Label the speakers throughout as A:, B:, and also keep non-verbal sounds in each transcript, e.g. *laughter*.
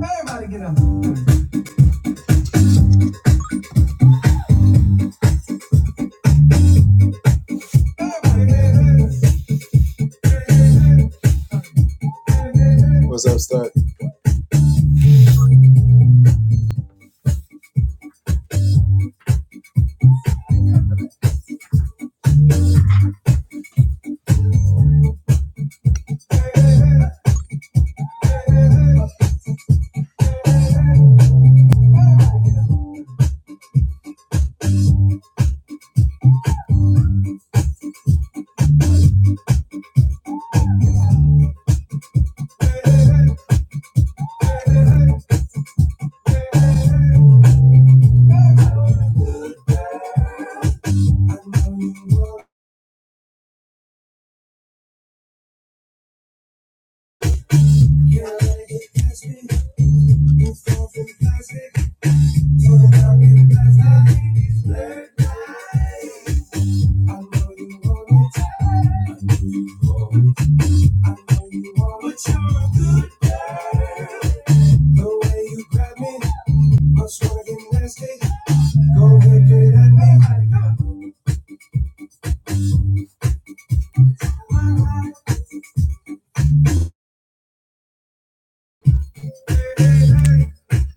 A: Everybody get up. Everybody. get up. What's up, Stud?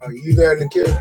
A: Are you there, to Nikhil?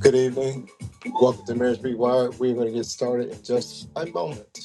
A: Good evening. Welcome to Marriage Rewired. We're going to get started in just a moment.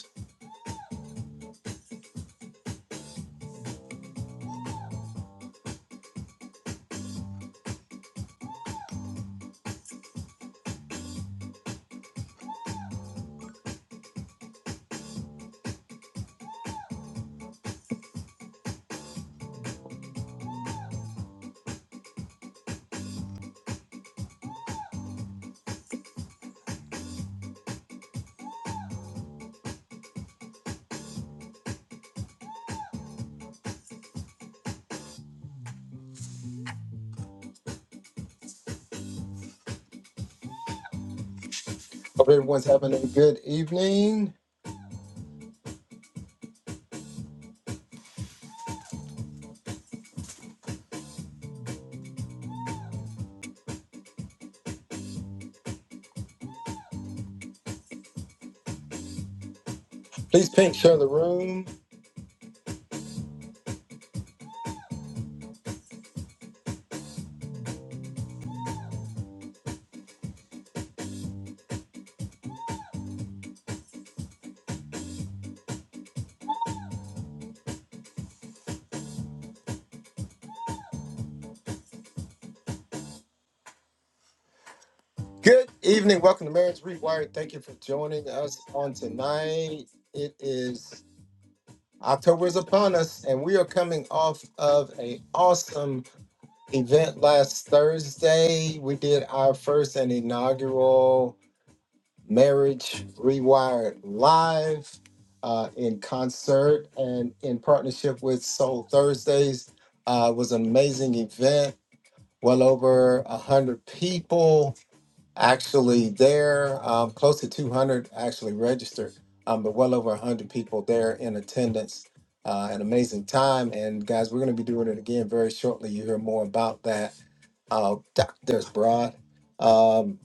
A: Hope everyone's having a good evening. Please pink share the room. Good evening. Welcome to Marriage Rewired. Thank you for joining us on tonight. It is October is upon us, and we are coming off of a awesome event last Thursday. We did our first and inaugural Marriage Rewired live uh, in concert and in partnership with Soul Thursdays. Uh, it was an amazing event. Well over a hundred people actually there. Um, close to 200 actually registered, um, but well over 100 people there in attendance. Uh, an amazing time. And guys, we're going to be doing it again very shortly. You hear more about that. Uh, doc- Broad. Um,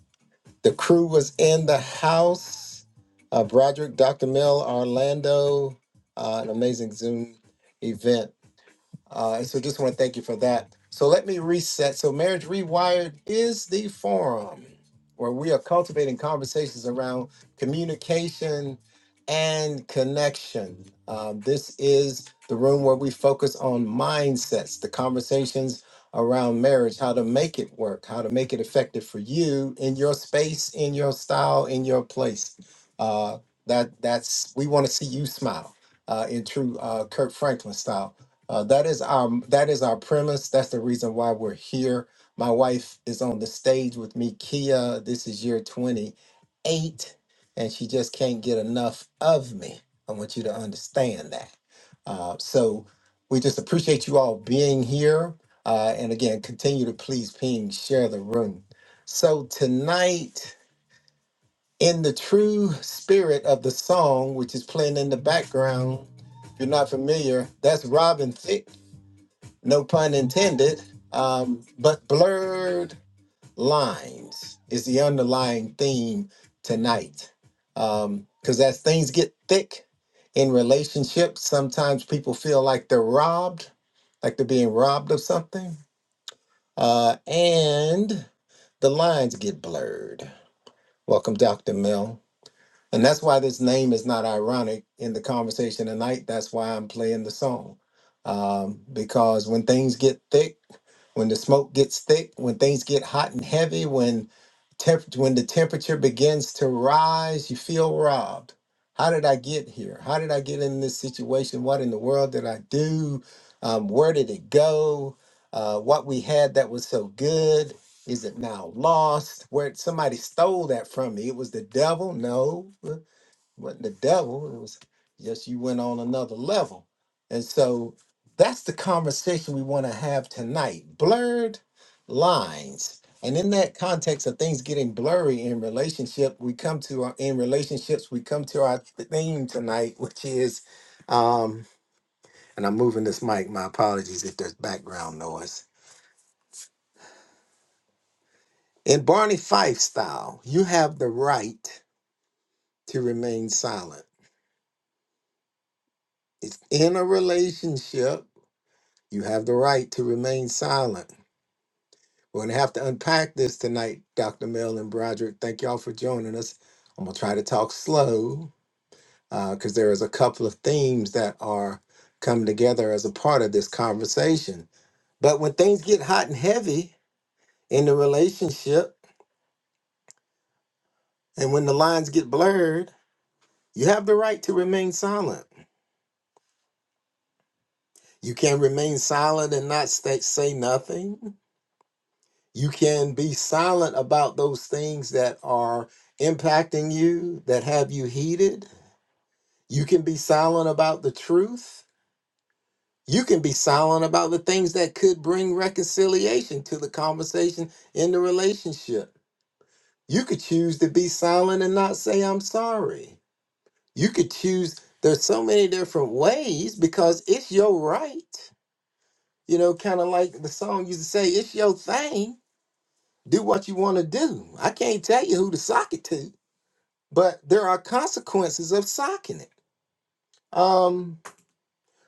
A: the crew was in the house. Uh, Broderick, Dr. Mill, Orlando, uh, an amazing Zoom event. Uh, and so just want to thank you for that. So let me reset. So Marriage Rewired is the forum where we are cultivating conversations around communication and connection. Um, this is the room where we focus on mindsets, the conversations around marriage, how to make it work, how to make it effective for you in your space, in your style, in your place. Uh, that that's we want to see you smile uh, in true uh, Kirk Franklin style. Uh, that is our that is our premise. That's the reason why we're here. My wife is on the stage with me, Kia. This is year 28, and she just can't get enough of me. I want you to understand that. Uh, so we just appreciate you all being here. Uh, and again, continue to please ping, share the room. So tonight, in the true spirit of the song, which is playing in the background, if you're not familiar, that's Robin Thicke no pun intended, um, but blurred lines is the underlying theme tonight. Um, Because as things get thick in relationships, sometimes people feel like they're robbed, like they're being robbed of something, uh, and the lines get blurred. Welcome, Dr. Mill. And that's why this name is not ironic in the conversation tonight. That's why I'm playing the song. Um, because when things get thick, when the smoke gets thick, when things get hot and heavy, when temp- when the temperature begins to rise, you feel robbed. How did I get here? How did I get in this situation? What in the world did I do? Um, where did it go? Uh, what we had that was so good? Is it now lost? Where somebody stole that from me? It was the devil? No, it wasn't the devil. It was just you went on another level. And so that's the conversation we want to have tonight. Blurred lines. And in that context of things getting blurry in relationship, we come to our in relationships, we come to our theme tonight, *laughs* which is um, and I'm moving this mic. My apologies if there's background noise. In Barney Fife style, you have the right. to remain silent. It's in a relationship, you have the right to remain silent. We're going to have to unpack this tonight, Dr. Mel and Broderick. Thank y'all for joining us. I'm going to try to talk slow because there is a couple of themes that are coming together as a part of this conversation. But when things get hot and heavy in the relationship and when the lines get blurred, you have the right to remain silent. You can remain silent and not stay, say nothing. You can be silent about those things that are impacting you, that have you heated. You can be silent about the truth. You can be silent about the things that could bring reconciliation to the conversation in the relationship. You could choose to be silent and not say, I'm sorry. You could choose, there's so many different ways because it's your right. You know, kind of like the song used to say, it's your thing. Do what you want to do. I can't tell you who to sock it to but there are consequences of socking it. Um,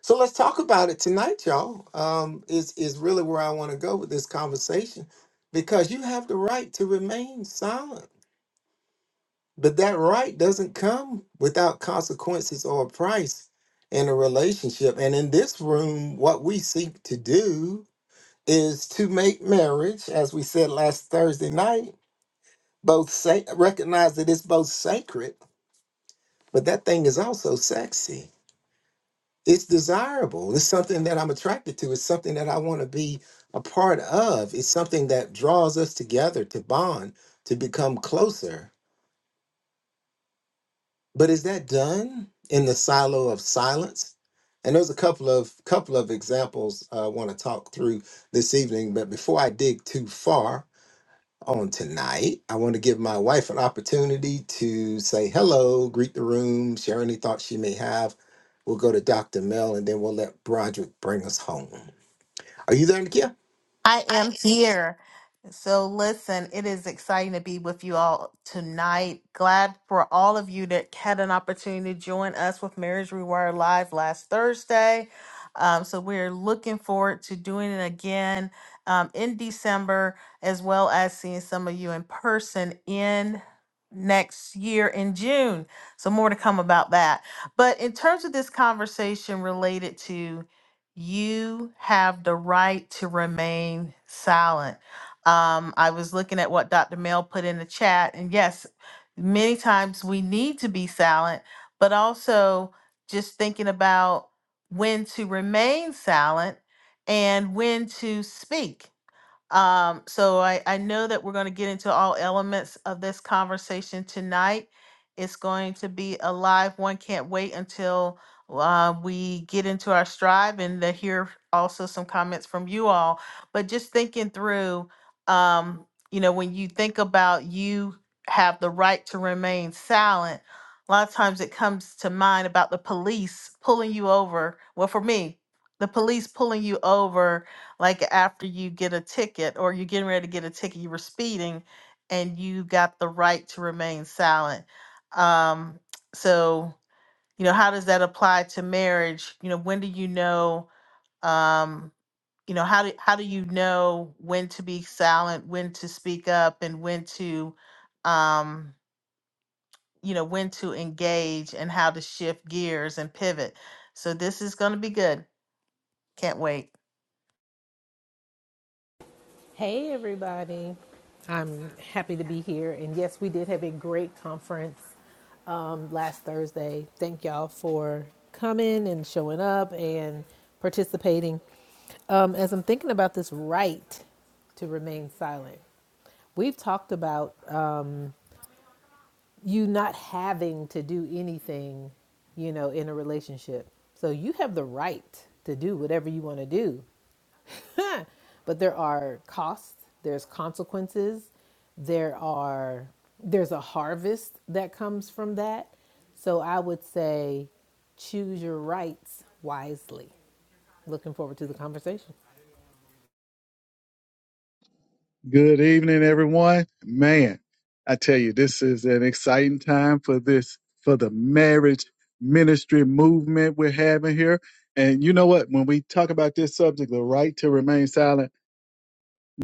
A: so let's talk about it tonight, y'all. Um, is is really where I want to go with this conversation, because you have the right to remain silent, but that right doesn't come without consequences or a price in a relationship. And in this room, what we seek to do is to make marriage, as we said last Thursday night, both sa- recognize that it's both sacred, but that thing is also sexy it's desirable. It's something that I'm attracted to. It's something that I want to be a part of. It's something that draws us together to bond, to become closer. But is that done in the silo of silence? And there's a couple of couple of examples I want to talk through this evening. But before I dig too far on tonight, I want to give my wife an opportunity to say hello, greet the room, share any thoughts she may have. We'll go to Dr. Mel and then we'll let Broderick bring us home. Are you there, Nakia?
B: I
A: I
B: am here. So, listen, it is exciting to be with you all tonight. Glad for all of you that had an opportunity to join us with Marriage Rewired Live last Thursday. Um, so, we're looking forward to doing it again um, in December, as well as seeing some of you in person in next year in June. So, more to come about that. But in terms of this conversation related to you have the right to remain silent. Um, I was looking at what Dr. Mel put in the chat, and yes, many times we need to be silent, but also just thinking about when to remain silent and when to speak. Um, so I, I know that we're going to get into all elements of this conversation tonight. It's going to be a live one. Can't wait until uh, we get into our strive and to hear also some comments from you all. But just thinking through, um, you know, when you think about you have the right to remain silent, a lot of times it comes to mind about the police pulling you over. Well, for me, the police pulling you over like after you get a ticket or you're getting ready to get a ticket, you were speeding and you got the right to remain silent. Um, so, you know, how does that apply to marriage? You know, when do you know, um, you know, how do, how do you know when to be silent, when to speak up and when to, um, you know, when to engage and how to shift gears and pivot. So this is going to be good. Can't wait.
C: Hey, everybody. I'm happy to be here. And yes, we did have a great conference um, last Thursday. Thank y'all for coming and showing up and participating. Um, as I'm thinking about this right to remain silent, we've talked about um, you not having to do anything, you know, in a relationship. So you have the right to do whatever you want to do *laughs* but there are costs, there's consequences, there are there's a harvest that comes from that. So I would say choose your rights wisely. Looking forward to the conversation.
D: Good evening, everyone. Man, I tell you, this is an exciting time for this, for the marriage ministry movement we're having here. And you know what? When we talk about this subject, the right to remain silent,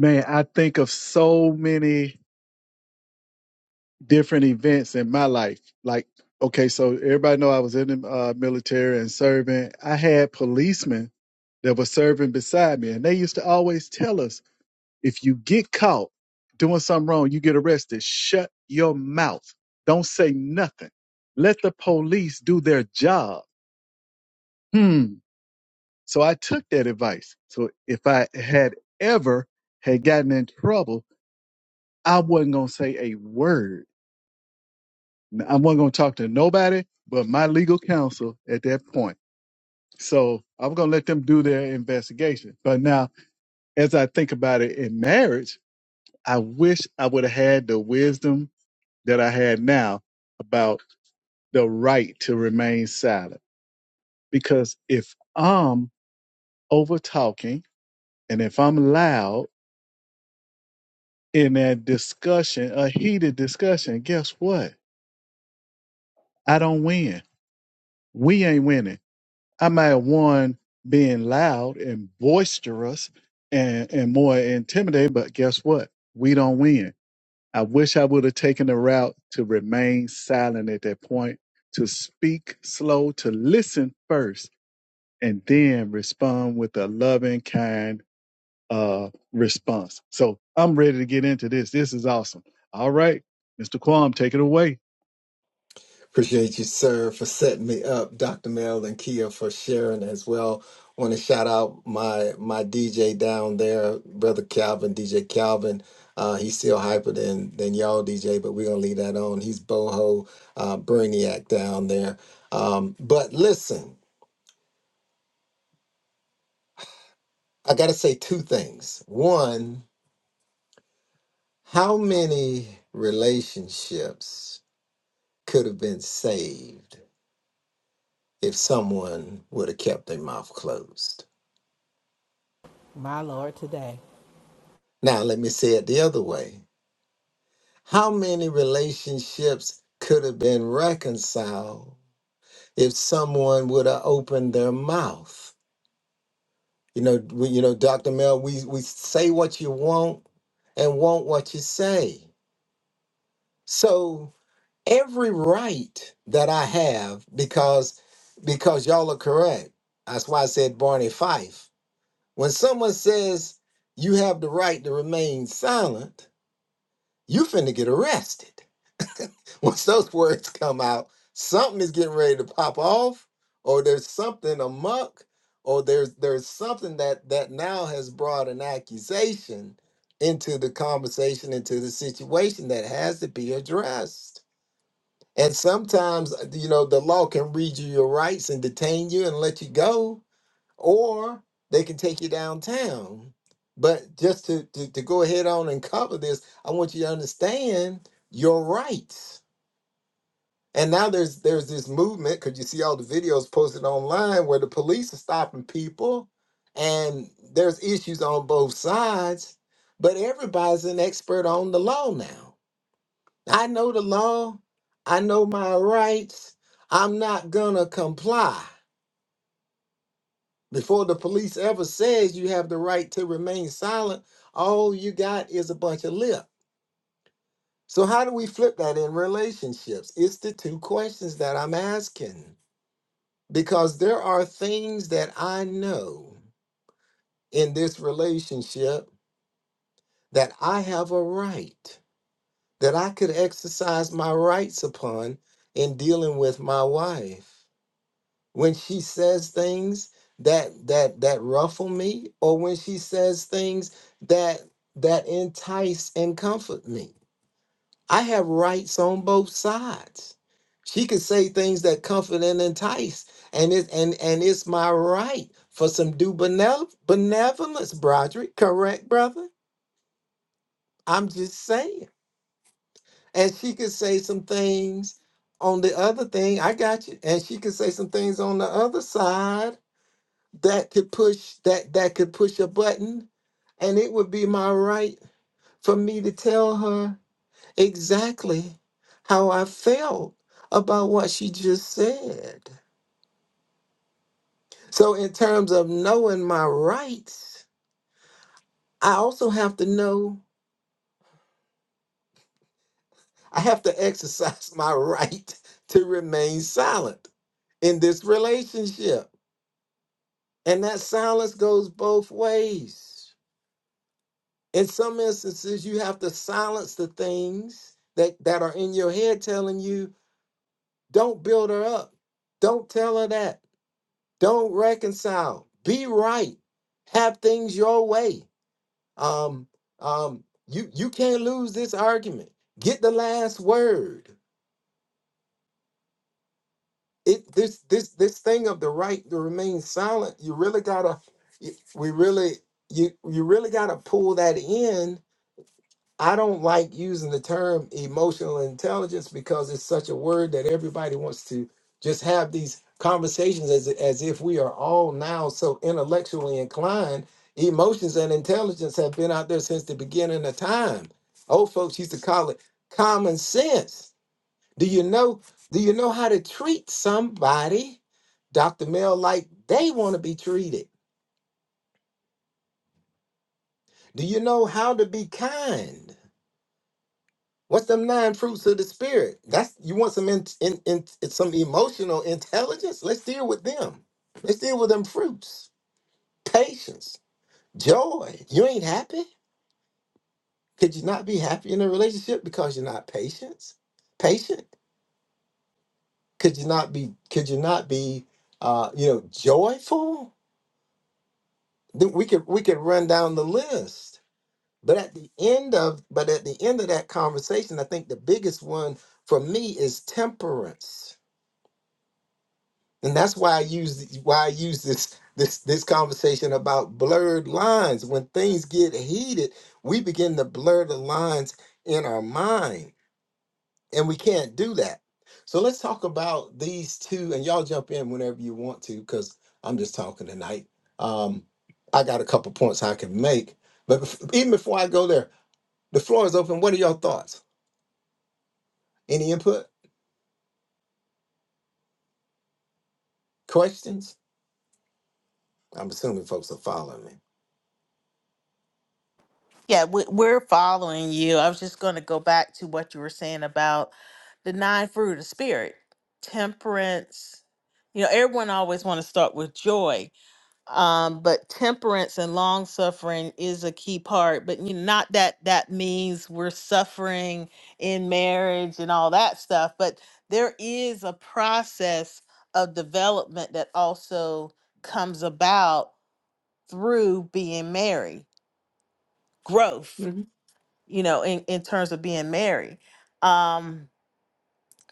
D: man, I think of so many different events in my life. Like, okay, so everybody know I was in the uh, military and serving. I had policemen that were serving beside me, and they used to always tell us If you get caught doing something wrong, you get arrested. Shut your mouth. Don't say nothing. Let the police do their job. Hmm. So I took that advice. So if I had ever had gotten in trouble, I wasn't going to say a word. I wasn't going to talk to nobody but my legal counsel at that point. So I'm going to let them do their investigation. But now, as I think about it in marriage, I wish I would have had the wisdom that I had now about the right to remain silent. Because if I'm over talking and if I'm loud in that discussion, a heated discussion, guess what? I don't win. We ain't winning. I might have won being loud and boisterous and, and more intimidating, but guess what? We don't win. I wish I would have taken the route to remain silent at that point, to speak slow, to listen first and then respond with a loving, kind uh, response. So I'm ready to get into this. This is awesome. All right, Mr. Quam, take it away.
A: Appreciate you, sir, for setting me up. Dr. Mel and Kia for sharing as well. Want to shout out my my DJ down there, brother Calvin, DJ Calvin. Uh, he's still hyper than than y'all DJ, but we're gonna leave that on. He's boho uh, brainiac down there. Um, but listen, I gotta say two things. One, how many relationships could have been saved if someone would have kept their mouth closed.
C: My Lord today.
A: Now, let me say it the other way. How many relationships could have been reconciled if someone would have opened their mouth? You know, we, you know, Dr. Mel, we, we say what you want and want what you say. So every right that I have, because because y'all are correct. That's why I said Barney Fife When someone says you have the right to remain silent, you finna get arrested. *laughs* Once those words come out, something is getting ready to pop off, or there's something amok, or there's there's something that that now has brought an accusation into the conversation, into the situation that has to be addressed. And sometimes, uh, you know, the law can read you your rights and detain you and let you go or they can take you downtown. But just to, to, to go ahead on and cover this, I want you to understand your rights. And now there's there's this movement because you see all the videos posted online where the police are stopping people, and there's issues on both sides. But everybody's an expert on the law now. I know the law. I know my rights. I'm not gonna comply. Before the police ever says you have the right to remain silent, all you got is a bunch of lip. So how do we flip that in relationships? It's the two questions that I'm asking because there are things that I know in this relationship that I have a right that I could exercise my rights upon in dealing with my wife. when she says things that that that ruffle me or when she says things that that entice and comfort me i have rights on both sides she could say things that comfort and entice and it and and it's my right for some due benevol- benevolence broderick correct brother i'm just saying and she could say some things on the other thing i got you and she could say some things on the other side that could push that that could push a button and it would be my right for me to tell her exactly how I felt about what she just said. So in terms of knowing my rights, I also have to know I have to exercise *laughs* my right to remain silent in this relationship. And that silence goes both ways. In some instances, you have to silence the things that, that are in your head telling you, don't build her up. Don't tell her that. Don't reconcile. Be right. Have things your way. Um, um, you you can't lose this argument. Get the last word. It this this this thing of the right to remain silent, you really gotta y- we really you you really gotta pull that in I don't like using the term emotional intelligence because it's such a word that everybody wants to just have these conversations as as if we are all now so intellectually inclined. Emotions and intelligence have been out there since the beginning of time. Old folks used to call it common sense. Do you know do you know how to treat somebody, Dr. Mel, like they want to be treated? Do you know how to be kind? What's them nine fruits of the spirit? That's you want some in, in, in some emotional intelligence. Let's deal with them. Let's deal with them fruits. Patience, joy. You ain't happy. Could you not be happy in a relationship because you're not patient? Patient. Could you not be? Could you not be? Uh, you know, joyful. Then we could we could run down the list. But at the end of but at the end of that conversation, I think the biggest one for me is temperance and that's why I use why I use this this this conversation about blurred lines. When things get heated, we begin to blur the lines in our mind, and we can't do that. So let's talk about these two, and y'all jump in whenever you want to, because I'm just talking tonight. Um, I got a couple points I can make, but bef- even before I go there, the floor is open. What are your thoughts? Any input? Questions? I'm assuming folks are following me.
B: Yeah, we- we're following you. I was just going to go back to what you were saying about the nine fruit of the spirit, temperance. You know, everyone always want to start with joy, um, but temperance and long suffering is a key part. But you know, not that that means we're suffering in marriage and all that stuff. But there is a process of development that also comes about through being married, growth you know, in, in terms of being married. Um,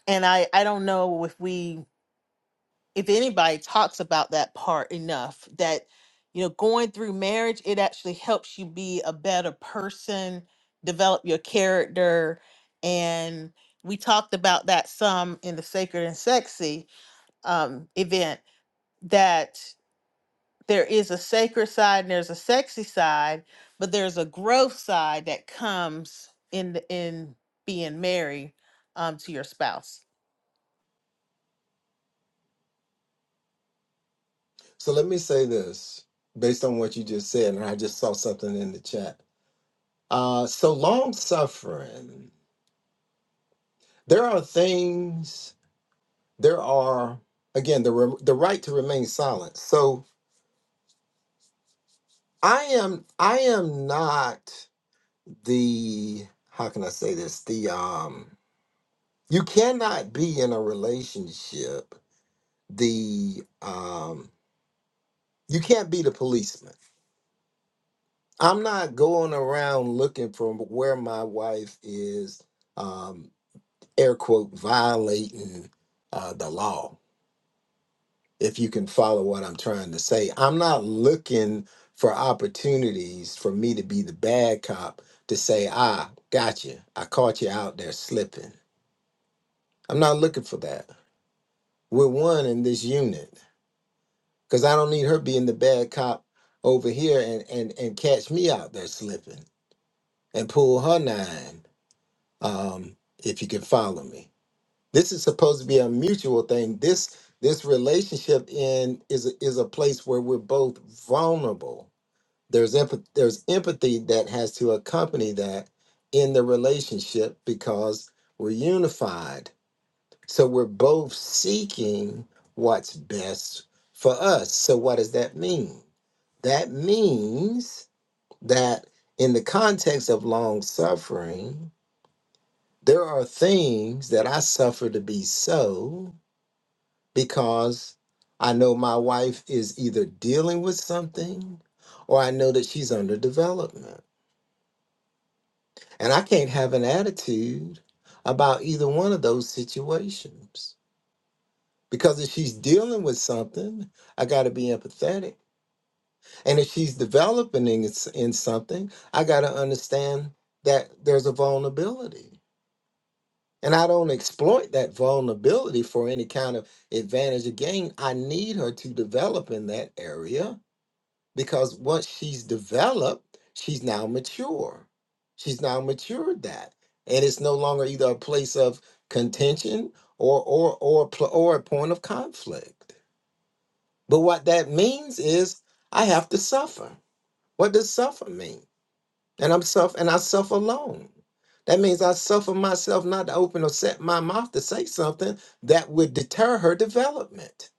B: and I, I don't know if we, if anybody talks about that part enough that, you know, going through marriage, it actually helps you be a better person, develop your character. And we talked about that some in the Sacred and Sexy um, event that there is a sacred side and there's a sexy side, but there's a growth side that comes in the, in being married um, to your spouse.
A: So let me say this based on what you just said, and I just saw something in the chat. Uh, so long suffering, there are things, there are, again, the, re- the right to remain silent. So I am, I am not the, how can I say this? The, um, you cannot be in a relationship, the, um, you can't be the policeman I'm not going around looking for where my wife is, um, air quote, violating uh, the law, if you can follow what I'm trying to say. I'm not looking for opportunities for me to be the bad cop to say, ah, got you. I caught you out there slipping. I'm not looking for that. We're one in this unit because I don't need her being the bad cop over here and, and, and catch me out there slipping and pull her nine um, if you can follow me. This is supposed to be a mutual thing. This this relationship in is a- is a place where we're both vulnerable. There's empathy, there's empathy that has to accompany that in the relationship because we're unified. So we're both seeking what's best for us. So what does that mean? That means that in the context of long suffering, there are things that I suffer to be so because I know my wife is either dealing with something or I know that she's under development. And I can't have an attitude about either one of those situations. Because if she's dealing with something, I got to be empathetic. And if she's developing in, in something, I got to understand that there's a vulnerability. and I don't exploit that vulnerability for any kind of advantage or gain. I need her to develop in that area because once she's developed, she's now mature. She's now matured that, and it's no longer either a place of contention or or or pl- or a point of conflict. But what that means is I have to suffer. What does suffer mean? and I'm self and I suffer alone. That means I suffer myself not to open or set my mouth to say something that would deter her development.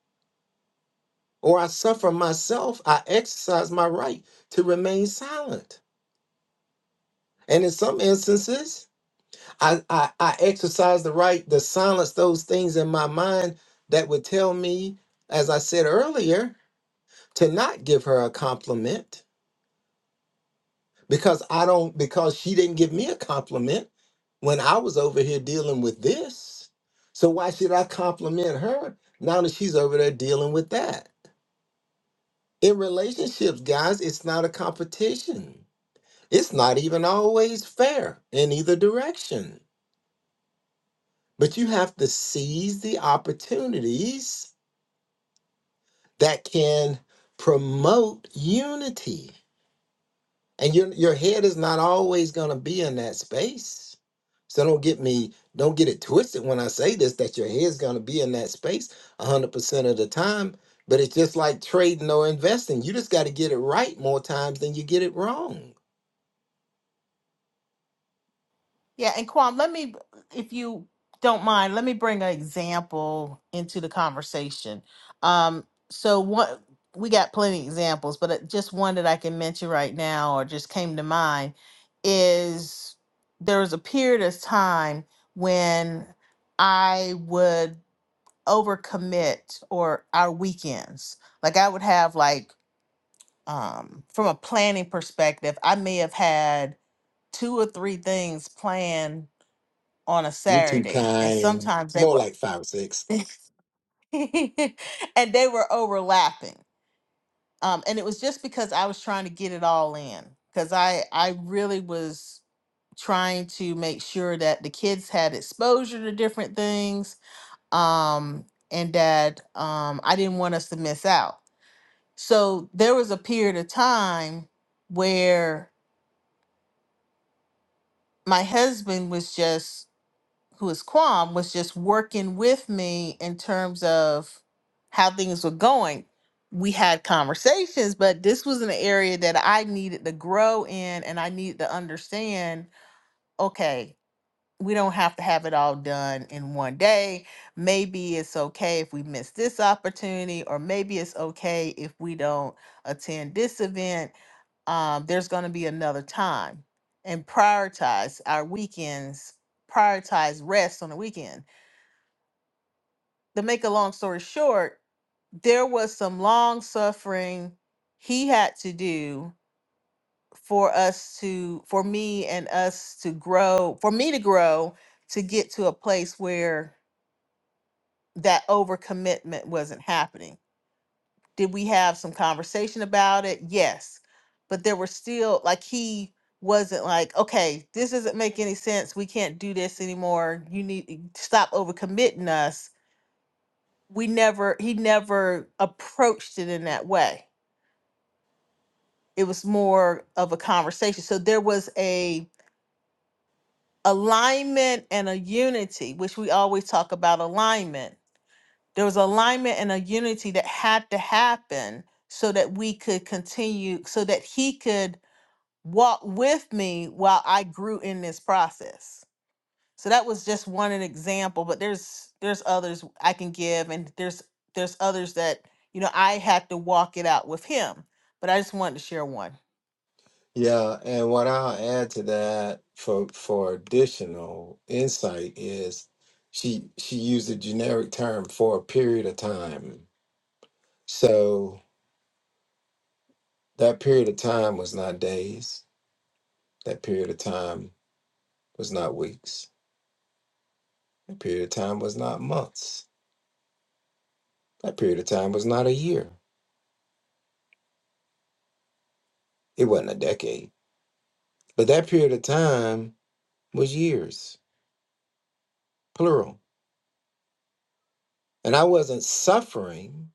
A: Or I suffer myself, I exercise my right to remain silent. And in some instances, I, I, I exercise the right to silence those things in my mind that would tell me, as I said earlier, to not give her a compliment because I don't because she didn't give me a compliment when I was over here dealing with this. So why should I compliment her now that she's over there dealing with that? In relationships, guys, it's not a competition. It's not even always fair in either direction. But you have to seize the opportunities that can promote unity. and your your head is not always going to be in that space so don't get me don't get it twisted when i say this that your head's going to be in that space 100% of the time but it's just like trading or investing you just got to get it right more times than you get it wrong
B: Yeah, and Kwam, let me, if you don't mind, let me bring an example into the conversation. Um, so what we got plenty of examples, but uh, just one that I can mention right now, or just came to mind, is there was a period of time when I would overcommit or our weekends. Like I would have like um from a planning perspective, I may have had two or three things planned on a
A: you're too
B: Saturday and
A: kind
B: sometimes they
A: more
B: were
A: like five or six
B: *laughs* and they were overlapping. Um and it was just because I was trying to get it all in cuz I I really was trying to make sure that the kids had exposure to different things um and that um I didn't want us to miss out. So there was a period of time where my husband was just, who is Quam, was just working with me in terms of how things were going. We had conversations, but this was an area that I needed to grow in and I needed to understand okay, we don't have to have it all done in one day. Maybe it's okay if we miss this opportunity, or maybe it's okay if we don't attend this event um, there's going to be another time and prioritize our weekends, prioritize rest on the weekend. To make a long story short, there was some long suffering he had to do for us to, for me and us to grow, for me to grow to get to a place where that overcommitment wasn't happening Did we have some conversation about it? Yes. But there were still like he wasn't like, okay, this doesn't make any sense. We can't do this anymore. You need e, stop overcommitting us. We never he never approached it in that way. It was more of a conversation. So there was a alignment and a unity, which we always talk about alignment. There was alignment and a unity that had to happen so that we could continue so that he could walked with me while I grew in this process. So that was just one an example, but there's there's others I can give and there's there's others that, you know, I had to walk it out with him. But I just wanted to share one.
A: yeah and what i'll add to that for for additional insight is she she used a generic term for a period of time so That period of time was not days. That period of time was not weeks. That period of time was not months. That period of time was not a year. It wasn't a decade. But that period of time was years, plural. And I wasn't suffering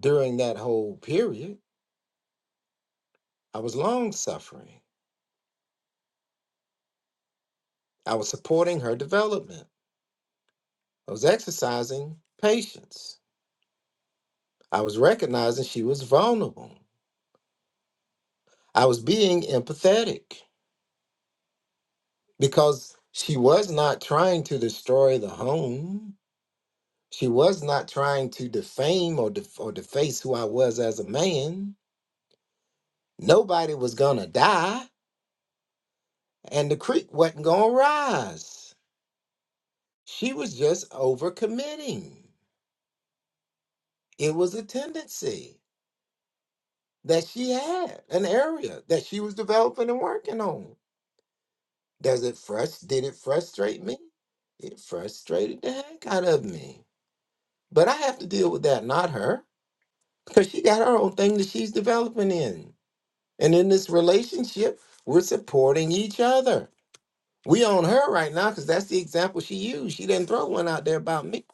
A: during that whole period. I was long suffering. I was supporting her development. I was exercising patience. I was recognizing she was vulnerable. I was being empathetic. because she was not trying to destroy the home. She was not trying to defame or def- or deface who I was as a man. Nobody was gonna die, and the creek wasn't gonna rise. She was just overcommitting. It was a tendency that she had, an area that she was developing and working on. Does it frust? Did it frustrate me? It frustrated the heck out of me. But I have to deal with that, not her. because she got her own thing that she's developing in. And in this relationship, we're supporting each other. We on her right now because that's the example she used. She didn't throw one out there about me.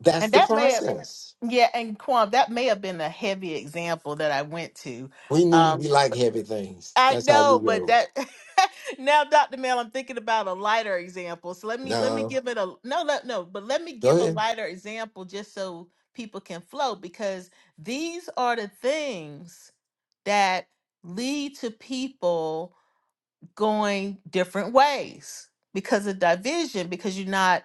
A: That's
B: And
A: the
B: that may
A: process.
B: Yeah, and Quan, that may have been a heavy example that I went to.
A: We need,
B: Um, Mm.
A: we like heavy things.
B: I
A: That's how we
B: know, but
A: go.
B: that *laughs* now, Dr. Mel, I'm thinking about a lighter example. So let me let me
A: No,
B: give it a no, no, no, but let me
A: go
B: give a
A: ahead.
B: lighter example just so people can flow because these are the things that lead to people going different ways because of division because you're not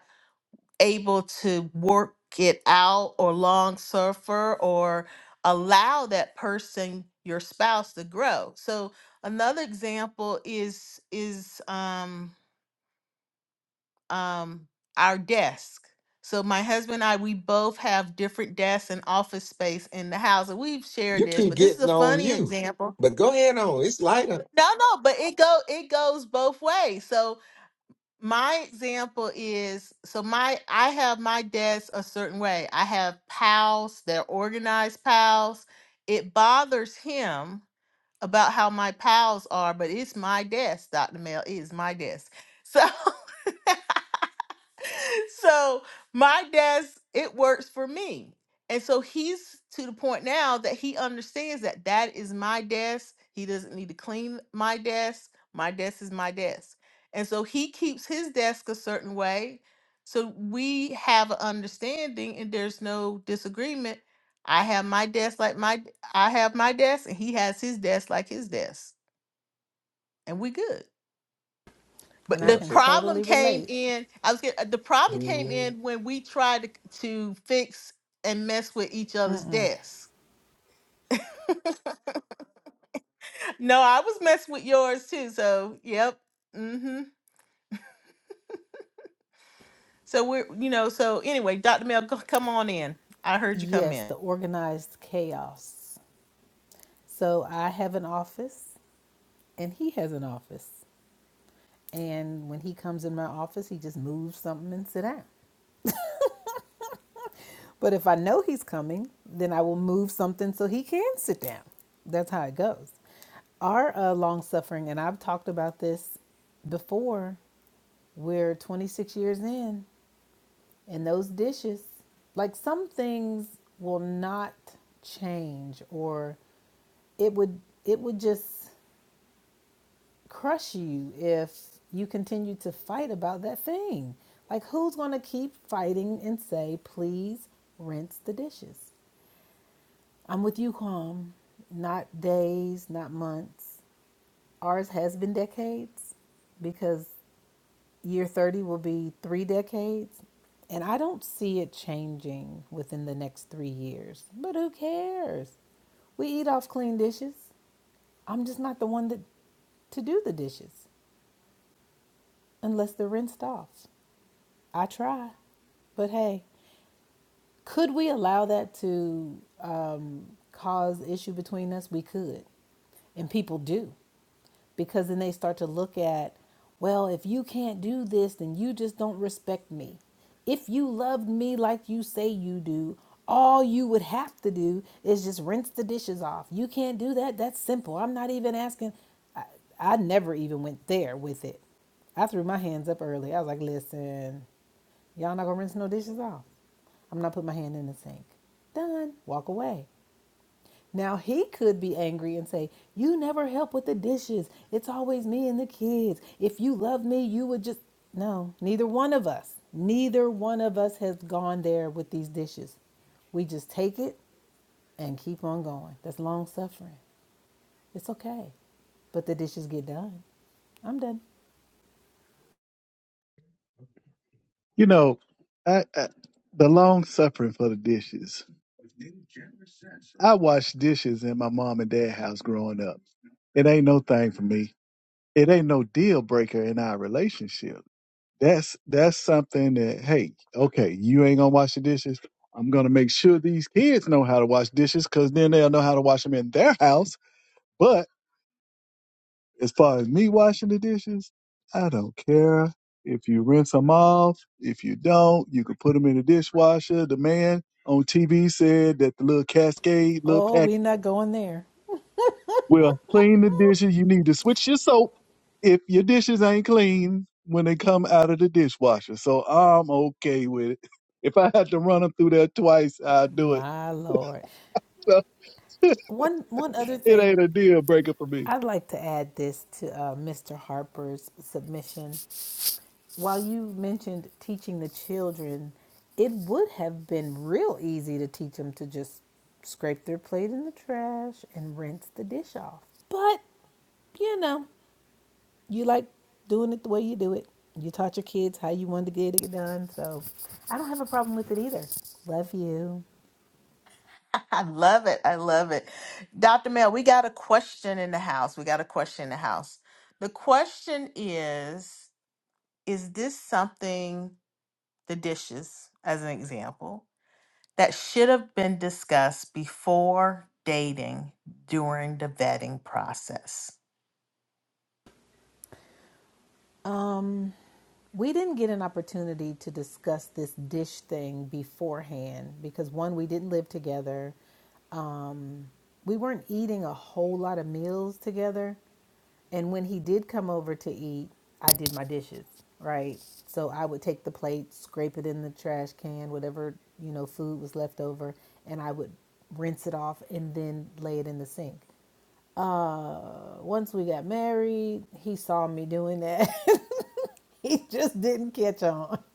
B: able to work it out or long suffer or allow that person your spouse to grow so another example is is um um our desk so my husband and i we both have different desks and office space in the house and we've shared
A: You
B: this
A: keep
B: but this is a
A: getting on
B: funny
A: you,
B: example
A: but go ahead on. It's lighter.
B: no no but it go it goes both ways so my example is so my I have my desk a certain way. I have pals, they're organized pals. It bothers him about how my pals are, but it's my desk, Dr. Mel. It is my desk. So *laughs* so my desk it works for me and so he's to the point now that he understands that that is my desk he doesn't need to clean my desk my desk is my desk and so he keeps his desk a certain way so we have an understanding and there's no disagreement i have my desk like my i have my desk and he has his desk like his desk and we good
C: And
B: but
C: I
B: the
C: can
A: Careful.
B: problem
C: totally
B: came
C: relate.
B: in. I was get, uh, the problem came
A: Mm-hmm.
B: in when we tried to, to fix and mess with each other's desks. No, I was messing with yours too. So yep. Mm-hmm. So we're you know. So anyway, Dr. Mel, go, come on in. I heard you come
C: Yes,
B: in.
C: the organized chaos. So I have an office and he has an office. And when he comes in my office, he just moves something and sit down. But if I know he's coming, then I will move something so he can sit down. That's how it goes. Our uh, long suffering, and I've talked about this before, we're 26 years in, and those dishes, like some things will not change or it would it would just crush you if you continue to fight about that thing. Like who's going to keep fighting and say, "Please rinse the dishes." I'm with you, Quam. Not days, not months. Ours has been decades because year 30 will be three decades. And I don't see it changing within the next three years. But who cares? We eat off clean dishes. I'm just not the one that to do the dishes unless they're rinsed off. I try. But hey, Could we allow that to um, cause issue between us? We could, and people do because then they start to look at, well, if you can't do this, then you just don't respect me. If you loved me like you say you do, all you would have to do is just rinse the dishes off. You can't do that. That's simple. I'm not even asking. I, I never even went there with it. I threw my hands up early. I was like, listen, y'all not gonna rinse no dishes off. I'm not putting my hand in the sink. Done. Walk away. Now he could be angry and say, You never help with the dishes. It's always me and the kids. If you love me, you would just. No, neither one of us, neither one of us has gone there with these dishes. We just take it and keep on going. That's long suffering. It's okay. But the dishes get done. I'm done.
D: You know, I, I, the long suffering for the dishes. I washed dishes in my mom and dad house growing up. It ain't no thing for me. It ain't no deal breaker in our relationship that's that's something that hey okay you ain't gonna wash the dishes i'm gonna make sure these kids know how to wash dishes because then they'll know how to wash them in their house but as far as me washing the dishes i don't care if you rinse them off if you don't you can put them in the dishwasher the man on tv said that the little cascade little
C: Oh, we're not going there.
D: Well, clean the dishes. You need to switch your soap if your dishes ain't clean when they come out of the dishwasher. So I'm okay with it. *laughs* If I had to run them through there twice, I'll do it.
C: My lord.
D: So *laughs*
C: One one other
D: it
C: thing
D: ain't a deal breaker for me.
C: I'd like to add this to uh, Mr. Harper's submission while you mentioned teaching the children, it would have been real easy to teach them to just scrape their plate in the trash and rinse the dish off. But, you know, you like doing it the way you do it. You taught your kids how you wanted to get it done. So I don't have a problem with it either. Love you.
B: *laughs* I love it. I love it. Dr. Mel, we got a question in the house. We got a question in the house. The question is: Is this something the dishes, as an example? that should have been discussed before dating during the vetting process.
C: Um, We didn't get an opportunity to discuss this dish thing beforehand because one, we didn't live together. Um, we weren't eating a whole lot of meals together. And when he did come over to eat, I did my dishes, right? So I would take the plate, scrape it in the trash can, whatever, you know, food was left over, and I would rinse it off and then lay it in the sink. Uh, once we got married, he saw me doing that. *laughs* he just didn't catch on. *laughs*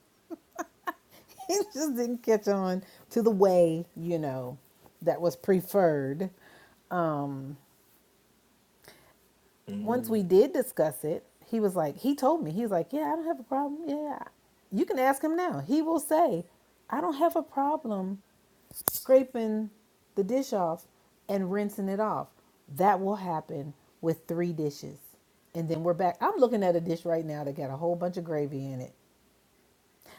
C: He just didn't catch on to the way, you know, that was preferred. Um, once we did discuss it, he was like, he told me, he was like, yeah, I don't have a problem. Yeah, you can ask him now. He will say, I don't have a problem scraping the dish off and rinsing it off. That will happen with three dishes. And then we're back. I'm looking at a dish right now that got a whole bunch of gravy in it.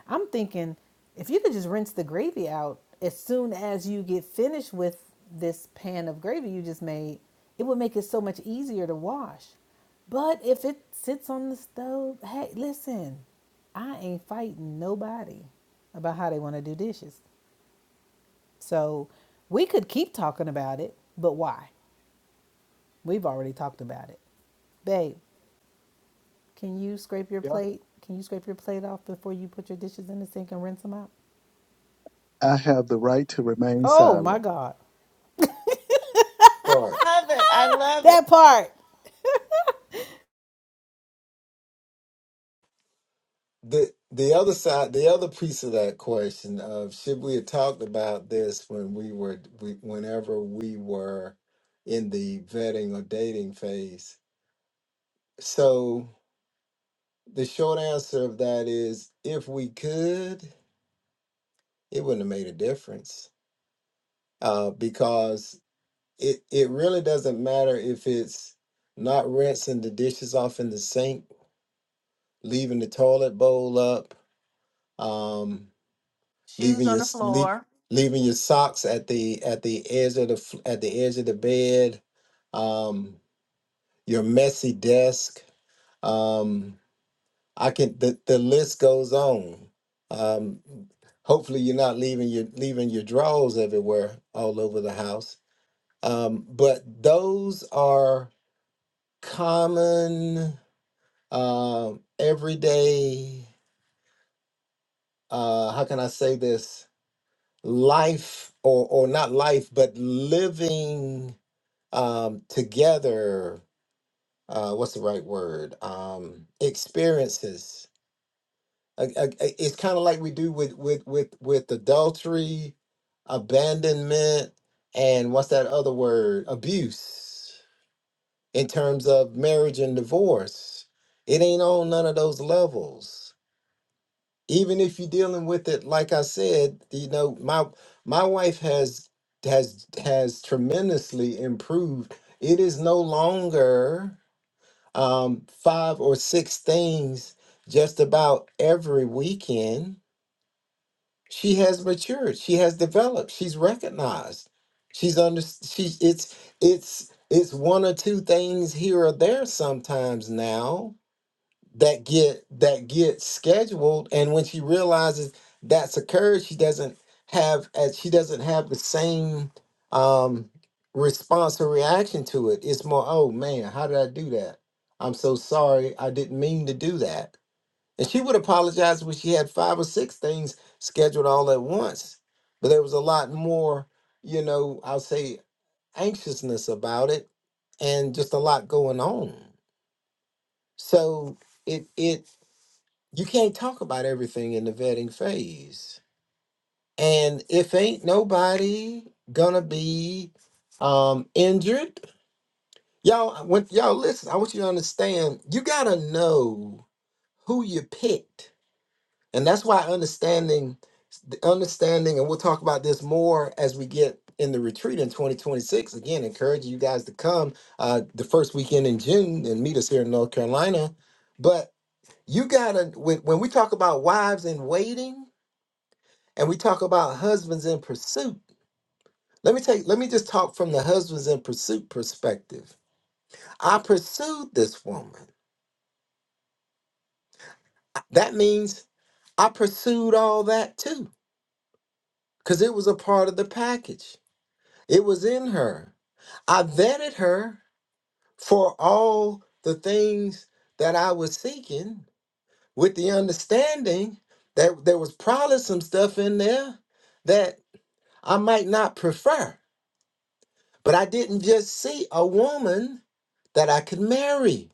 C: I'm thinking if you could just rinse the gravy out as soon as you get finished with this pan of gravy you just made, it would make it so much easier to wash. But if it sits on the stove, hey, listen, I ain't fighting nobody about how they want to do dishes. So we could keep talking about it, but why? We've already talked about it. Babe, can you scrape your
D: Yeah.
C: plate? Can you scrape your plate off before you put your dishes in the sink and rinse them out?
D: I have the right to remain
C: Oh my
D: silent.
C: God.
B: Love it. I love it.
C: That part.
A: the the other side, the other piece of that question of should we have talked about this when we were we, whenever we were in the vetting or dating phase? So the short answer of that is, if we could, it wouldn't have made a difference uh, because it it really doesn't matter if it's not rinsing the dishes off in the sink, leaving the toilet bowl up. Um,
B: Shoes
A: leaving
B: on
A: your
B: the
A: sleep
B: floor.
A: leaving your socks at the at the edge of the f- at the edge of the bed um your messy desk um i can the, the list goes on um hopefully you're not leaving your leaving your drawers everywhere all over the house um but those are common um everyday uh how can i say this life or or not life but living um together uh what's the right word um experiences Uh, uh, uh, it's kind of like we do with with with with adultery abandonment and what's that other word abuse in terms of marriage and divorce it ain't on none of those levels even if you're dealing with it like i said you know my my wife has has has tremendously improved it is no longer um five or six things just about every weekend she has matured she has developed she's recognized she's under she's it's it's it's one or two things here or there sometimes now that get that get scheduled and when she realizes that's occurred she doesn't have as she doesn't have the same um response or reaction to it it's more oh man how did i do that i'm so sorry i didn't mean to do that and she would apologize when she had five or six things scheduled all at once but there was a lot more you know i'll say anxiousness about it and just a lot going on so it it you can't talk about everything in the vetting phase. And if ain't nobody gonna be um injured, y'all when y'all listen, I want you to understand you gotta know who you picked. And that's why understanding the understanding, and we'll talk about this more as we get in the retreat in 2026. Again, encouraging you guys to come uh the first weekend in June and meet us here in North Carolina. But you gotta when, when we talk about wives in waiting and we talk about husbands in pursuit. Let me take let me just talk from the husbands in pursuit perspective. I pursued this woman. That means I pursued all that too cuz it was a part of the package. It was in her. I vetted her for all the things that I was seeking with the understanding that there was probably some stuff in there that I might not prefer. But I didn't just see a woman that I could marry.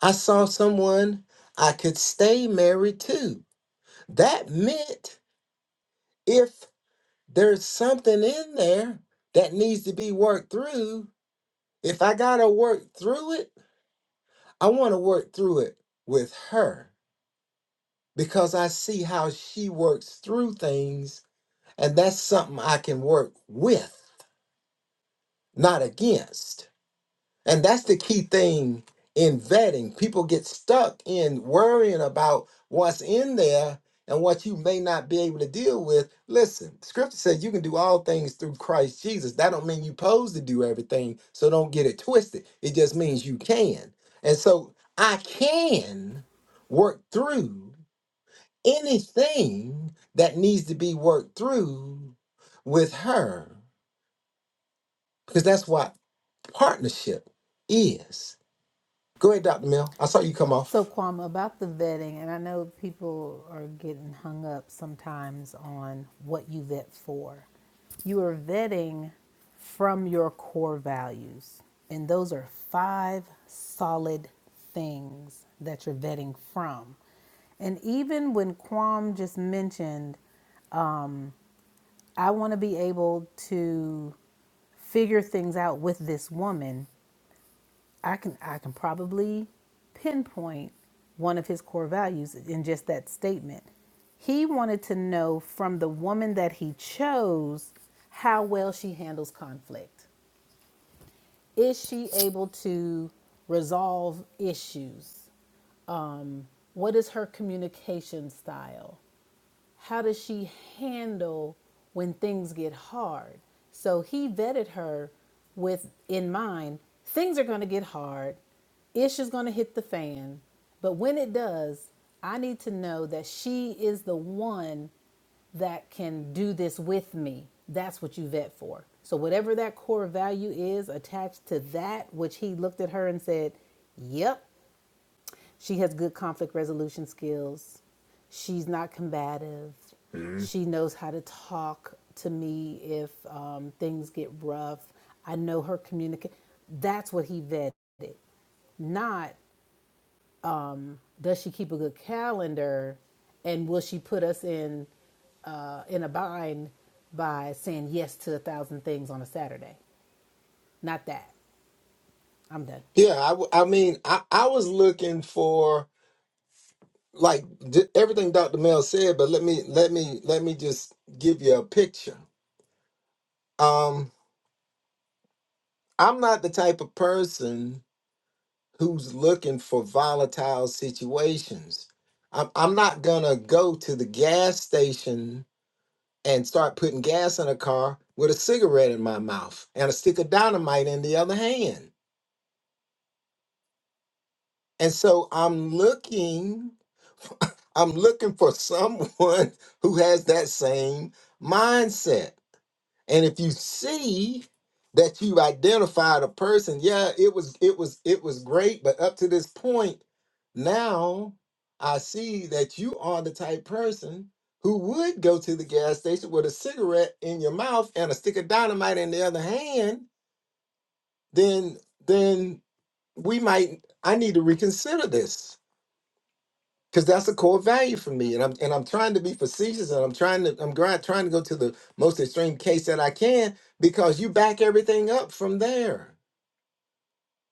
A: I saw someone I could stay married to. That meant if there's something in there that needs to be worked through, if I got to work through it, I want to work through it with her because I see how she works through things. And that's something I can work with, not against. And that's the key thing in vetting. People get stuck in worrying about what's in there and what you may not be able to deal with. Listen, scripture says you can do all things through Christ Jesus. That don't mean you pose to do everything, so don't get it twisted. It just means you can. And so I can work through anything that needs to be worked through with her because that's what partnership is. Go ahead, Dr. Mel. I saw you come
C: So
A: off.
C: Kwame, about the vetting, and I know people are getting hung up sometimes on what you vet for. You are vetting from your core values, and those are five solid things that you're vetting from. And even when Kwame just mentioned, um, I want to be able to figure things out with this woman, I can I can probably pinpoint one of his core values in just that statement. He wanted to know from the woman that he chose how well she handles conflict. Is she able to resolve issues? Um, what is her communication style? how does she handle when things get hard? So he vetted her with in mind, things are going to get hard. Ish is going to hit the fan. But when it does, I need to know that she is the one that can do this with me. That's what you vet for. So, whatever that core value is attached to that, which he looked at her and said, Yep, she has good conflict resolution skills. She's not combative.
A: Mhm.
C: She knows how to talk to me if um, things get rough. I know her communicate. That's what he vetted. Not does she keep a good calendar, and will she put us in uh, in a bind by saying yes to a thousand things on a Saturday? Not that. I'm done.
A: Yeah, I, w- I mean, I, I was looking for like d- everything Dr. Mel said, but let me let me let me just give you a picture. Um, I'm not the type of person who's looking for volatile situations. I'm I'm not gonna go to the gas station and start putting gas in a car with a cigarette in my mouth and a stick of dynamite in the other hand. And so I'm looking *laughs* I'm looking for someone *laughs* who has that same mindset. And if you see that you've identified a person, yeah, it was it was it was great, but up to this point, now I see that you are the type person who would go to the gas station with a cigarette in your mouth and a stick of dynamite in the other hand, then then we might I need to reconsider this because that's a core value for me and i'm and i'm trying to be facetious and i'm trying to i'm grind, trying to go to the most extreme case that i can because you back everything up from there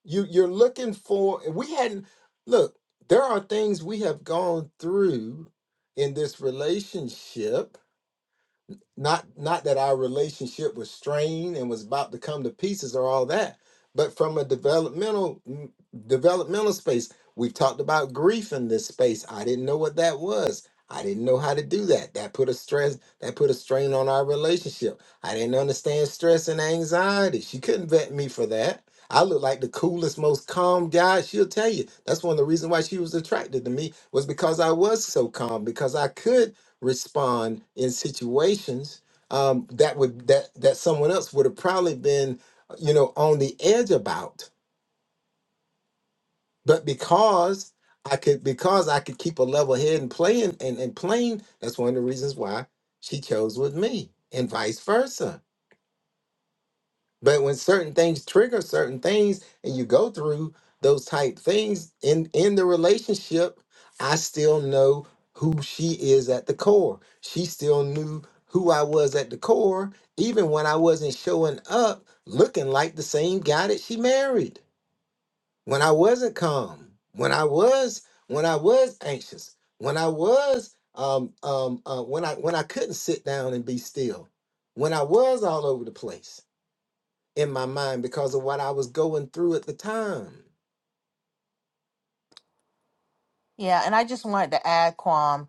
A: you you're looking for and we hadn't look there are things we have gone through in this relationship not not that our relationship was strained and was about to come to pieces or all that but from a developmental mm, developmental space we've talked about grief in this space i didn't know what that was i didn't know how to do that that put a stress that put a strain on our relationship i didn't understand stress and anxiety she couldn't vet me for that I look like the coolest, most calm guy. She'll tell you. That's one of the reasons why she was attracted to me was because I was so calm, because I could respond in situations um, that would that that someone else would have probably been you know on the edge about but because i could because i could keep a level head and playing and, and and playing that's one of the reasons why she chose with me and vice versa But when certain things trigger certain things and you go through those type things in in the relationship, I still know who she is at the core. She still knew who I was at the core even when I wasn't showing up looking like the same guy that she married. When I wasn't calm, when I was when I was anxious, when I was um um uh, when I when I couldn't sit down and be still, when I was all over the place in my mind because of what I was going through at the time.
B: Yeah, and I just wanted to add, Quam,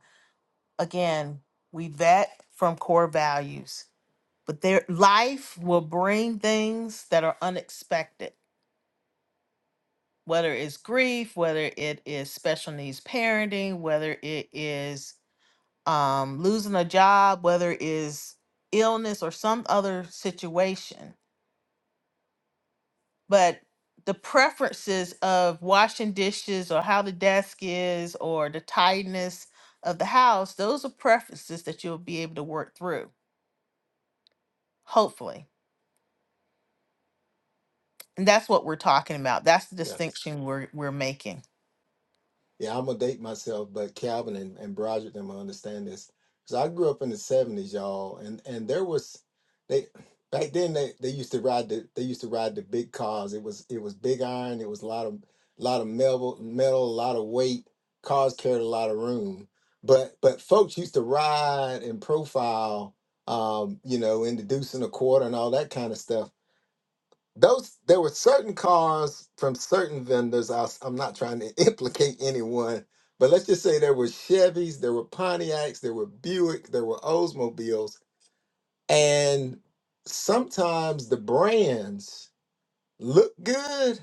B: again, we vet from core values, but their life will bring things that are unexpected, whether it's grief, whether it is special needs parenting, whether it is um, losing a job, whether it is illness or some other situation. but the preferences of washing dishes or how the desk is or the tidiness of the house, those are preferences that you'll be able to work through, hopefully. And that's what we're talking about. That's the
A: Yeah.
B: distinction we're we're making.
A: Yeah, I'm gonna date myself, but Calvin and, and Broderick them will understand this. Cause I grew up in the seventies, y'all, and and there was they back then they, they used to ride the they used to ride the big cars. It was it was big iron, it was a lot of lot of metal metal, a lot of weight. Cars carried a lot of room. But but folks used to ride and profile um, you know, in the deuce and a quarter and all that kind of stuff those there were certain cars from certain vendors. I, am not trying to *laughs* implicate anyone, but let's just say there were Chevys, there were Pontiacs, there were Buick, there were Oldsmobiles, and sometimes the brands looked good,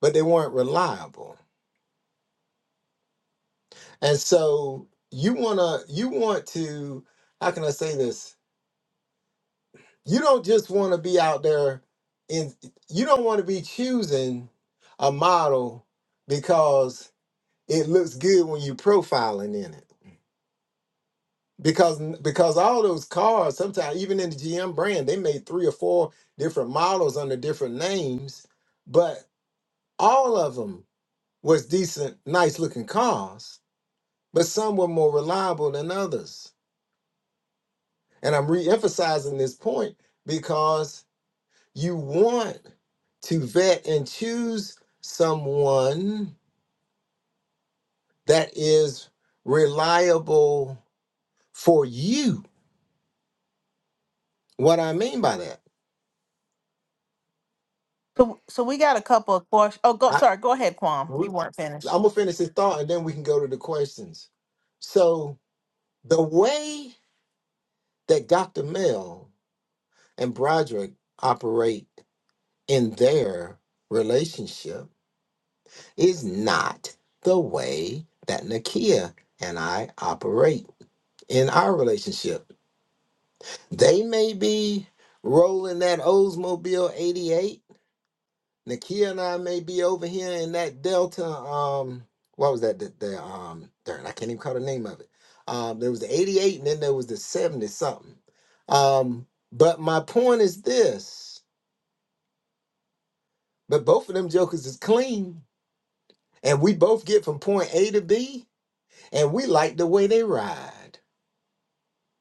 A: but they weren't reliable. And so you wanna you want to how can I say this? You don't just want to be out there in you don't want to be choosing a model because it looks good when you profiling in it because because all those cars sometimes even in the GM brand they made three or four different models under different names but all of them was decent nice looking cars but some were more reliable than others and I'm re-emphasizing this point because you want to vet and choose someone that is reliable for you what I mean by that
B: So so we got a couple of questions. Oh, go
A: I,
B: sorry, go ahead, Kwam.
A: we,
B: You weren't finished.
A: I'm gonna finish this thought, and then we can go to the questions. So the way that Dr. Mel and Broderick operate in their relationship is not the way that Nakia and I operate in our relationship. They may be rolling that Oldsmobile 88 Nakia and I may be over here in that Delta. Um, what was that? The, the um, darn, I can't even call the name of it. Um, there was the 88 and then there was the 70 something. Um, but my point is this, but both of them jokers is clean, and we both get from point A to B, and we like the way they ride.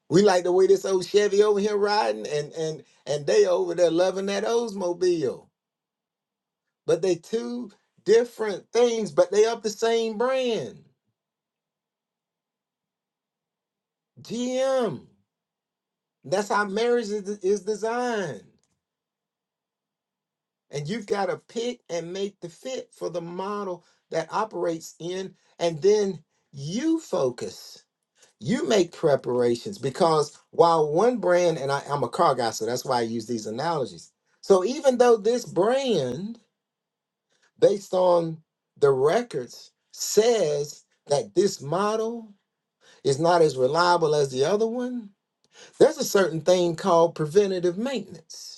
A: We like the way this old Chevy over here riding, and and and they over there loving that Oldsmobile. But they two different things, but they of the same brand. GM. That's how marriage is, is designed. And you've got to pick and make the fit for the model that operates in. And then you focus. You make preparations because while one brand, and I, I'm a car guy, so that's why I use these analogies. So even though this brand, based on the records, says that this model is not as reliable as the other one, there's a certain thing called preventative maintenance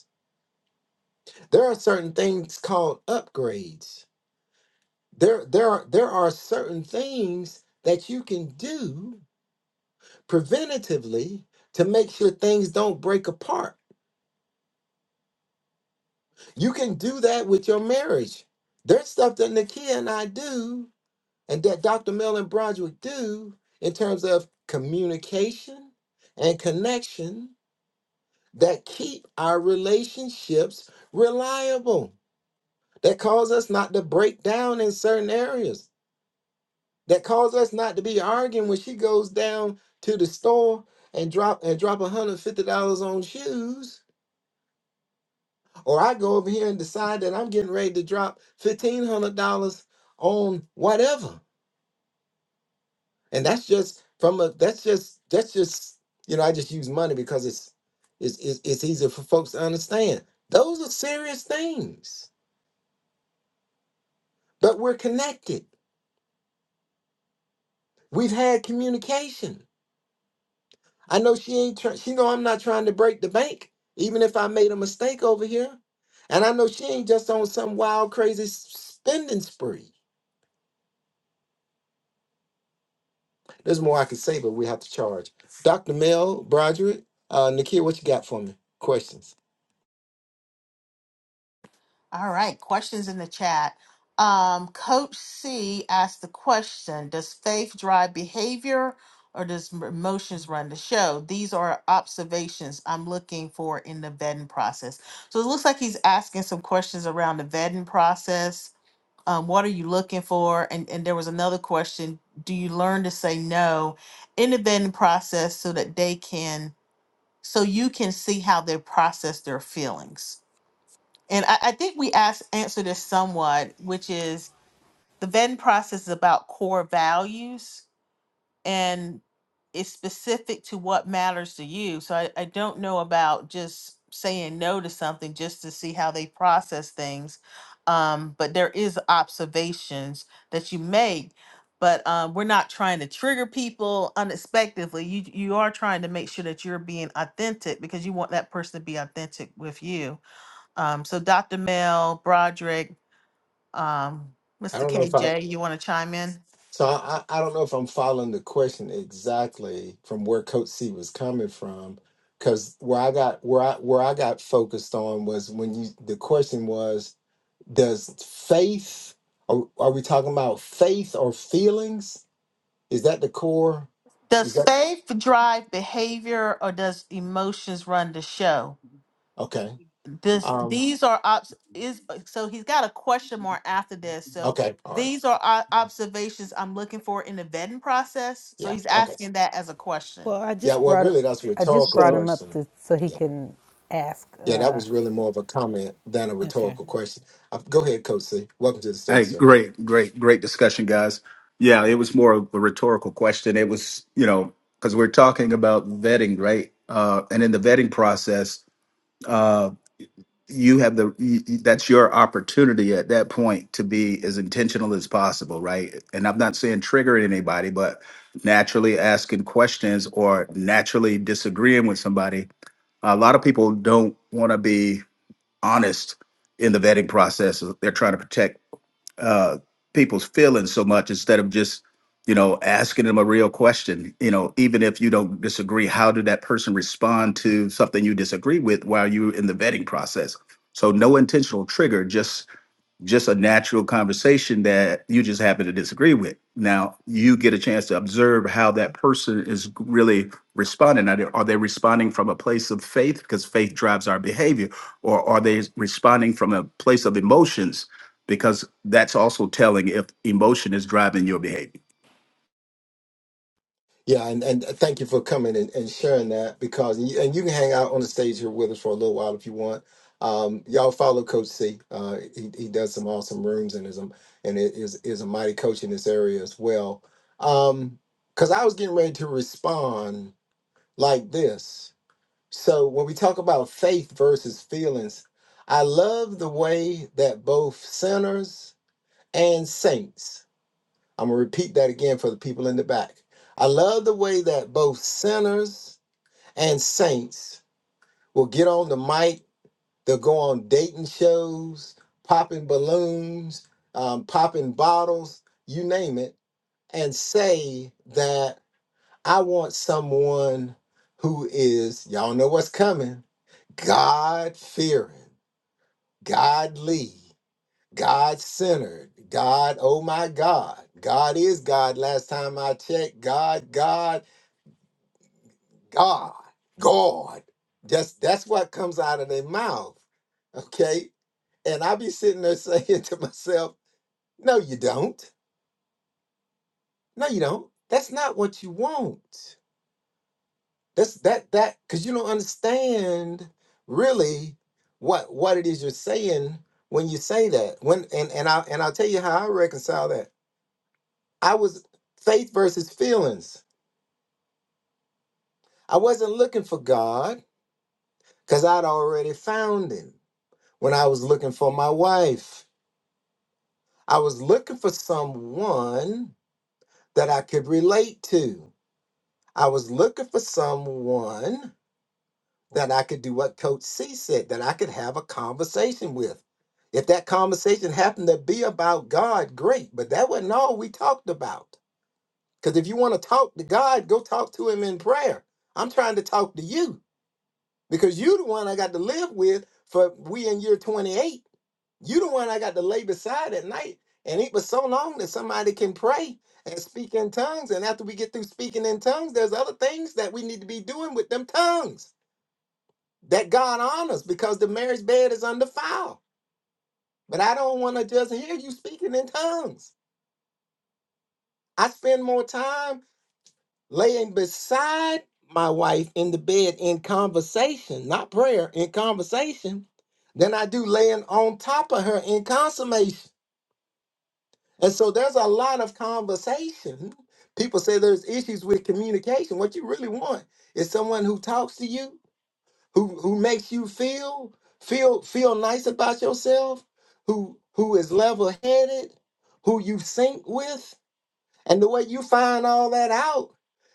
A: there are certain things called upgrades. There, there, are, there are certain things that you can do preventatively to make sure things don't break apart. You can do that with your marriage. There's stuff that Nakia and I do, and that Dr. Mel and Broderick do in terms of communication and connection that keep our relationships reliable, that cause us not to break down in certain areas that caused us not to be arguing when she goes down to the store and drop and drop $150 on shoes or i go over here and decide that i'm getting ready to drop $1500 on whatever and that's just from a that's just that's just you know i just use money because it's it's it's, it's easier for folks to understand those are serious things but we're connected we've had communication I know she ain't trying. She know I'm not trying to break the bank, even if I made a mistake over here. And I know she ain't just on some wild, crazy s- spending spree. There's more I could say, but we have to charge. Dr. Mel Broderick, uh, Nakia, what you got for me? Questions?
B: All right, questions in the chat. Um, Coach C asked the question Does faith drive behavior or does m- emotions run the show? These are observations I'm looking for in the vetting process. So it looks like he's asking some questions around the vetting process. Um, what are you looking for? And, and there was another question Do you learn to say no in the vetting process so that they can, so you can see how they process their feelings? And I, I think we asked answer this somewhat, which is the vetting process is about core values and it's specific to what matters to you. So I, I don't know about just saying no to something just to see how they process things. Um, but there is observations that you make, but um, we're not trying to trigger people unexpectedly. You you are trying to make sure that you're being authentic because you want that person to be authentic with you um, so Dr. Mel, Broderick, um,
A: I
B: Mr.
A: don't know if I.
B: KJ, you want to chime in?
A: So I, I I don't know if I'm following the question exactly from where Coach C was coming from, because where I got where I where I got focused on was when you the question was Does faith, are, are we talking about faith or feelings? Is that the core? Is
B: Does
A: that
B: faith drive behavior or does emotions run the show?
A: okay?
B: This
A: Um,
B: these are obs is uh, so he's got a question mark after this. So
A: okay, all right.
B: these are o- observations I'm looking for in the vetting process. So
A: Yeah,
B: he's
A: okay.
B: asking that as a question.
C: Well, I
A: Yeah,
C: just
A: well,
C: brought
A: really, that's a
C: I just
A: rhetorical
C: brought
D: So
C: him up
A: question.
C: to so he
A: Yeah,
C: can ask.
A: yeah, that
C: Uh,
A: was really more of a comment than a
C: Okay.
A: rhetorical question. Uh, go ahead, Coach C. Welcome to the
E: Hey,
A: stage, sir.
E: great, great, great discussion, guys. Yeah, it was more of a rhetorical question. It was, you know, because we're talking about vetting, right? Uh, and in the vetting process, uh, you have the y- y- that's your opportunity at that point to be as intentional as possible, right? And I'm not saying triggering anybody, but naturally asking questions or naturally disagreeing with somebody. A lot of people don't want to be honest in the vetting process. They're trying to protect uh, people's feelings so much instead of just you know asking them a real question you know even if you don't disagree how did that person respond to something you disagree with while you're in the vetting process so no intentional trigger just just a natural conversation that you just happen to disagree with. Now you get a chance to observe how that person is really responding. Are they, are they responding from a place of faith because faith drives our behavior, or are they responding from a place of emotions because that's also telling if emotion is driving your behavior.
A: Yeah, and, and thank you for coming and, and sharing that because and you, and you can hang out on the stage here with us for a little while if you want. Um, y'all follow Coach C. Uh, he, he does some awesome rooms and is a, and i- is is a mighty coach in this area as well. Um, because I was getting ready to respond like this. So when we talk about faith versus feelings, I love the way that both sinners and saints I'm going to repeat that again for the people in the back. I love the way that both sinners and saints will get on the mic. They'll go on dating shows, popping balloons, um, popping bottles, you name it, and say that I want someone who is, y'all know what's coming, God fearing, godly. God centered. God, oh my God. God is God. Last time I checked, God, God, God, God. Just that's what comes out of their mouth. Okay. And I be sitting there saying *laughs* to myself, no, you don't. No, you don't. That's not what you want. That's that that because you don't understand really what what it is you're saying when you say that. When and, and I and I'll tell you how I reconcile that I was faith versus feelings. I wasn't looking for God because I'd already found him when I was looking for my wife. I was looking for someone that I could relate to. I was looking for someone that I could do what Coach C said, that I could have a conversation with. If that conversation happened to be about God, great, but that wasn't all we talked about. Because if you want to talk to God, go talk to him in prayer. I'm trying to talk to you. because you the one I got to live with for we in year 28. You the one I got to lay beside at night. And it was so long that somebody can pray and speak in tongues. And after we get through speaking in tongues, there's other things that we need to be doing with them tongues that God honors because the marriage bed is undefiled. But I don't want to just hear you speaking in tongues. I spend more time laying beside my wife in the bed in conversation, not prayer, in conversation, than I do laying on top of her in consummation. And so there's a lot of conversation. People say there's issues with communication. What you really want is someone who talks to you, who who makes you feel feel feel nice about yourself, who who is level-headed, who you sync with, and the way you find all that out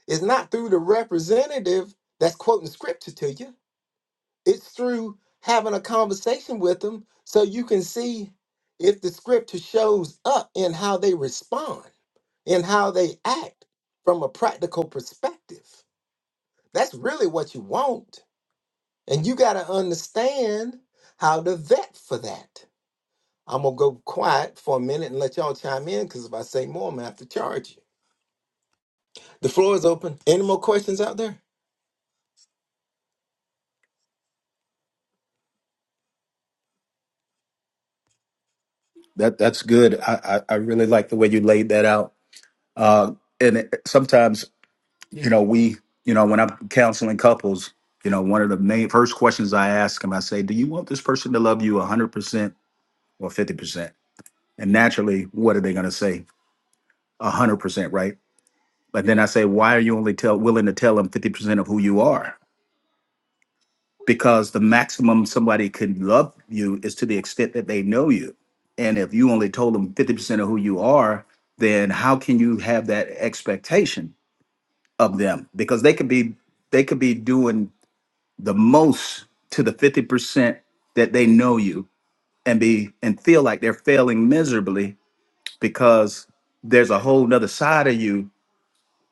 A: is not through the representative that's quoting scripture to you, it's through having a conversation with them so you can see if the scripture shows up in how they respond, in how they act from a practical perspective. That's really what you want. And you got to understand how to vet for that. I'm going to go quiet for a minute and let y'all chime in because if I say more, I'm going to have to charge you. The floor is open. Any more questions out there?
E: That that's good. I I, I really like the way you laid that out. Uh, and it- sometimes you know, we, you know, when I'm counseling couples, you know, one of the main first questions I ask them, I say, do you want this person to love you 100% or 50%? And naturally, what are they going to say? 100%, right? But then I say, why are you only tell, willing to tell them 50% of who you are? Because the maximum somebody can love you is to the extent that they know you. And if you only told them 50% of who you are, then how can you have that expectation of them? Because they could be they could be doing the most to the 50% that they know you and be and feel like they're failing miserably because there's a whole nother side of you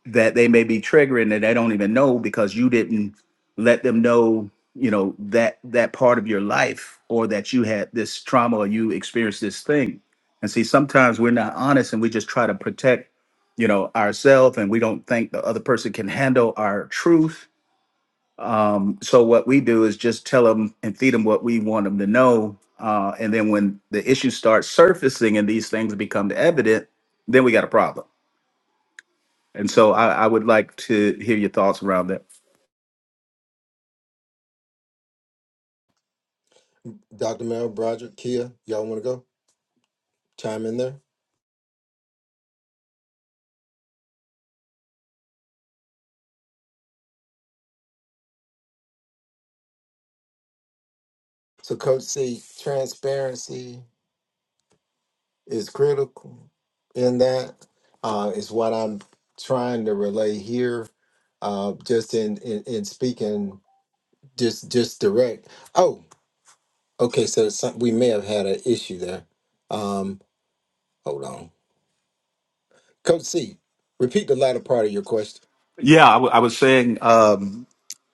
E: that they may be triggering that they don't even know because you didn't let them know you know that that part of your life or that you had this trauma or you experienced this thing and see sometimes we're not honest and we just try to protect you know ourselves and we don't think the other person can handle our truth um, so what we do is just tell them and feed them what we want them to know. Uh, and then when the issues start surfacing and these things become evident, then we got a problem. And so I, I would like to hear your thoughts around that.
A: Dr. Mel Broderick, Kia, y'all want to go? Chime in there. So, Coach C, transparency is critical in that, uh, is what I'm trying to relay here, uh, just in, in, in speaking just just direct. Oh, okay. So, some, we may have had an issue there. Um, hold on. Coach C, repeat the latter part of your question.
E: Yeah, I w- I was saying. Um,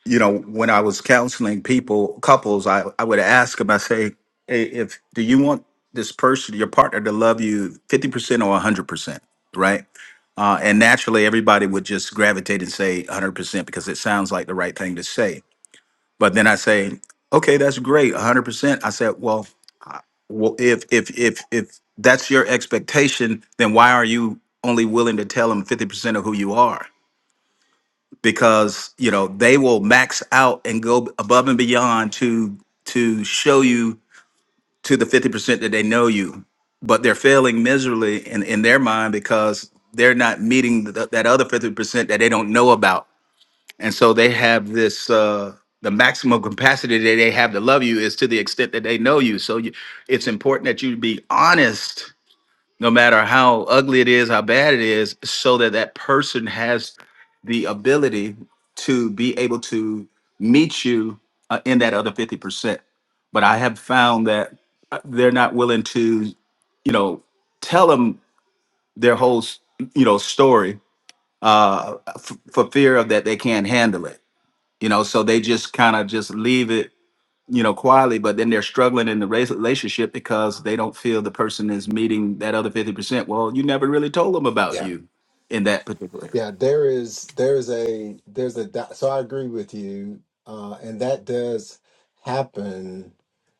E: you know, when I was counseling people, couples, I, I would ask them, I say, hey, if do you want this person, your partner, to love you 50% or 100%, right? Uh, and naturally, everybody would just gravitate and say 100% because it sounds like the right thing to say. But then I say, okay, that's great, 100%. I said, well, I- well, if if if if that's your expectation, then why are you only willing to tell them 50% of who you are? because you know they will max out and go above and beyond to to show you to the 50% that they know you but they're failing miserably in, in their mind because they're not meeting th- that other 50% that they don't know about and so they have this uh the maximum capacity that they have to love you is to the extent that they know you so you, it's important that you be honest no matter how ugly it is, how bad it is, so that that person has the ability to be able to meet you uh, in that other 50%. But I have found that uh, they're not willing to, you know, tell them their whole, s- you know, story uh, f- for fear of that they can't handle it, you know, so they just kind of just leave it you know, quietly, but then they're struggling in the race- relationship because they don't feel the person is meeting that other 50%. Well, you never really told them about you in that particular.
A: Yeah, there is there's a there's a di- so I agree with you, uh, and that does happen.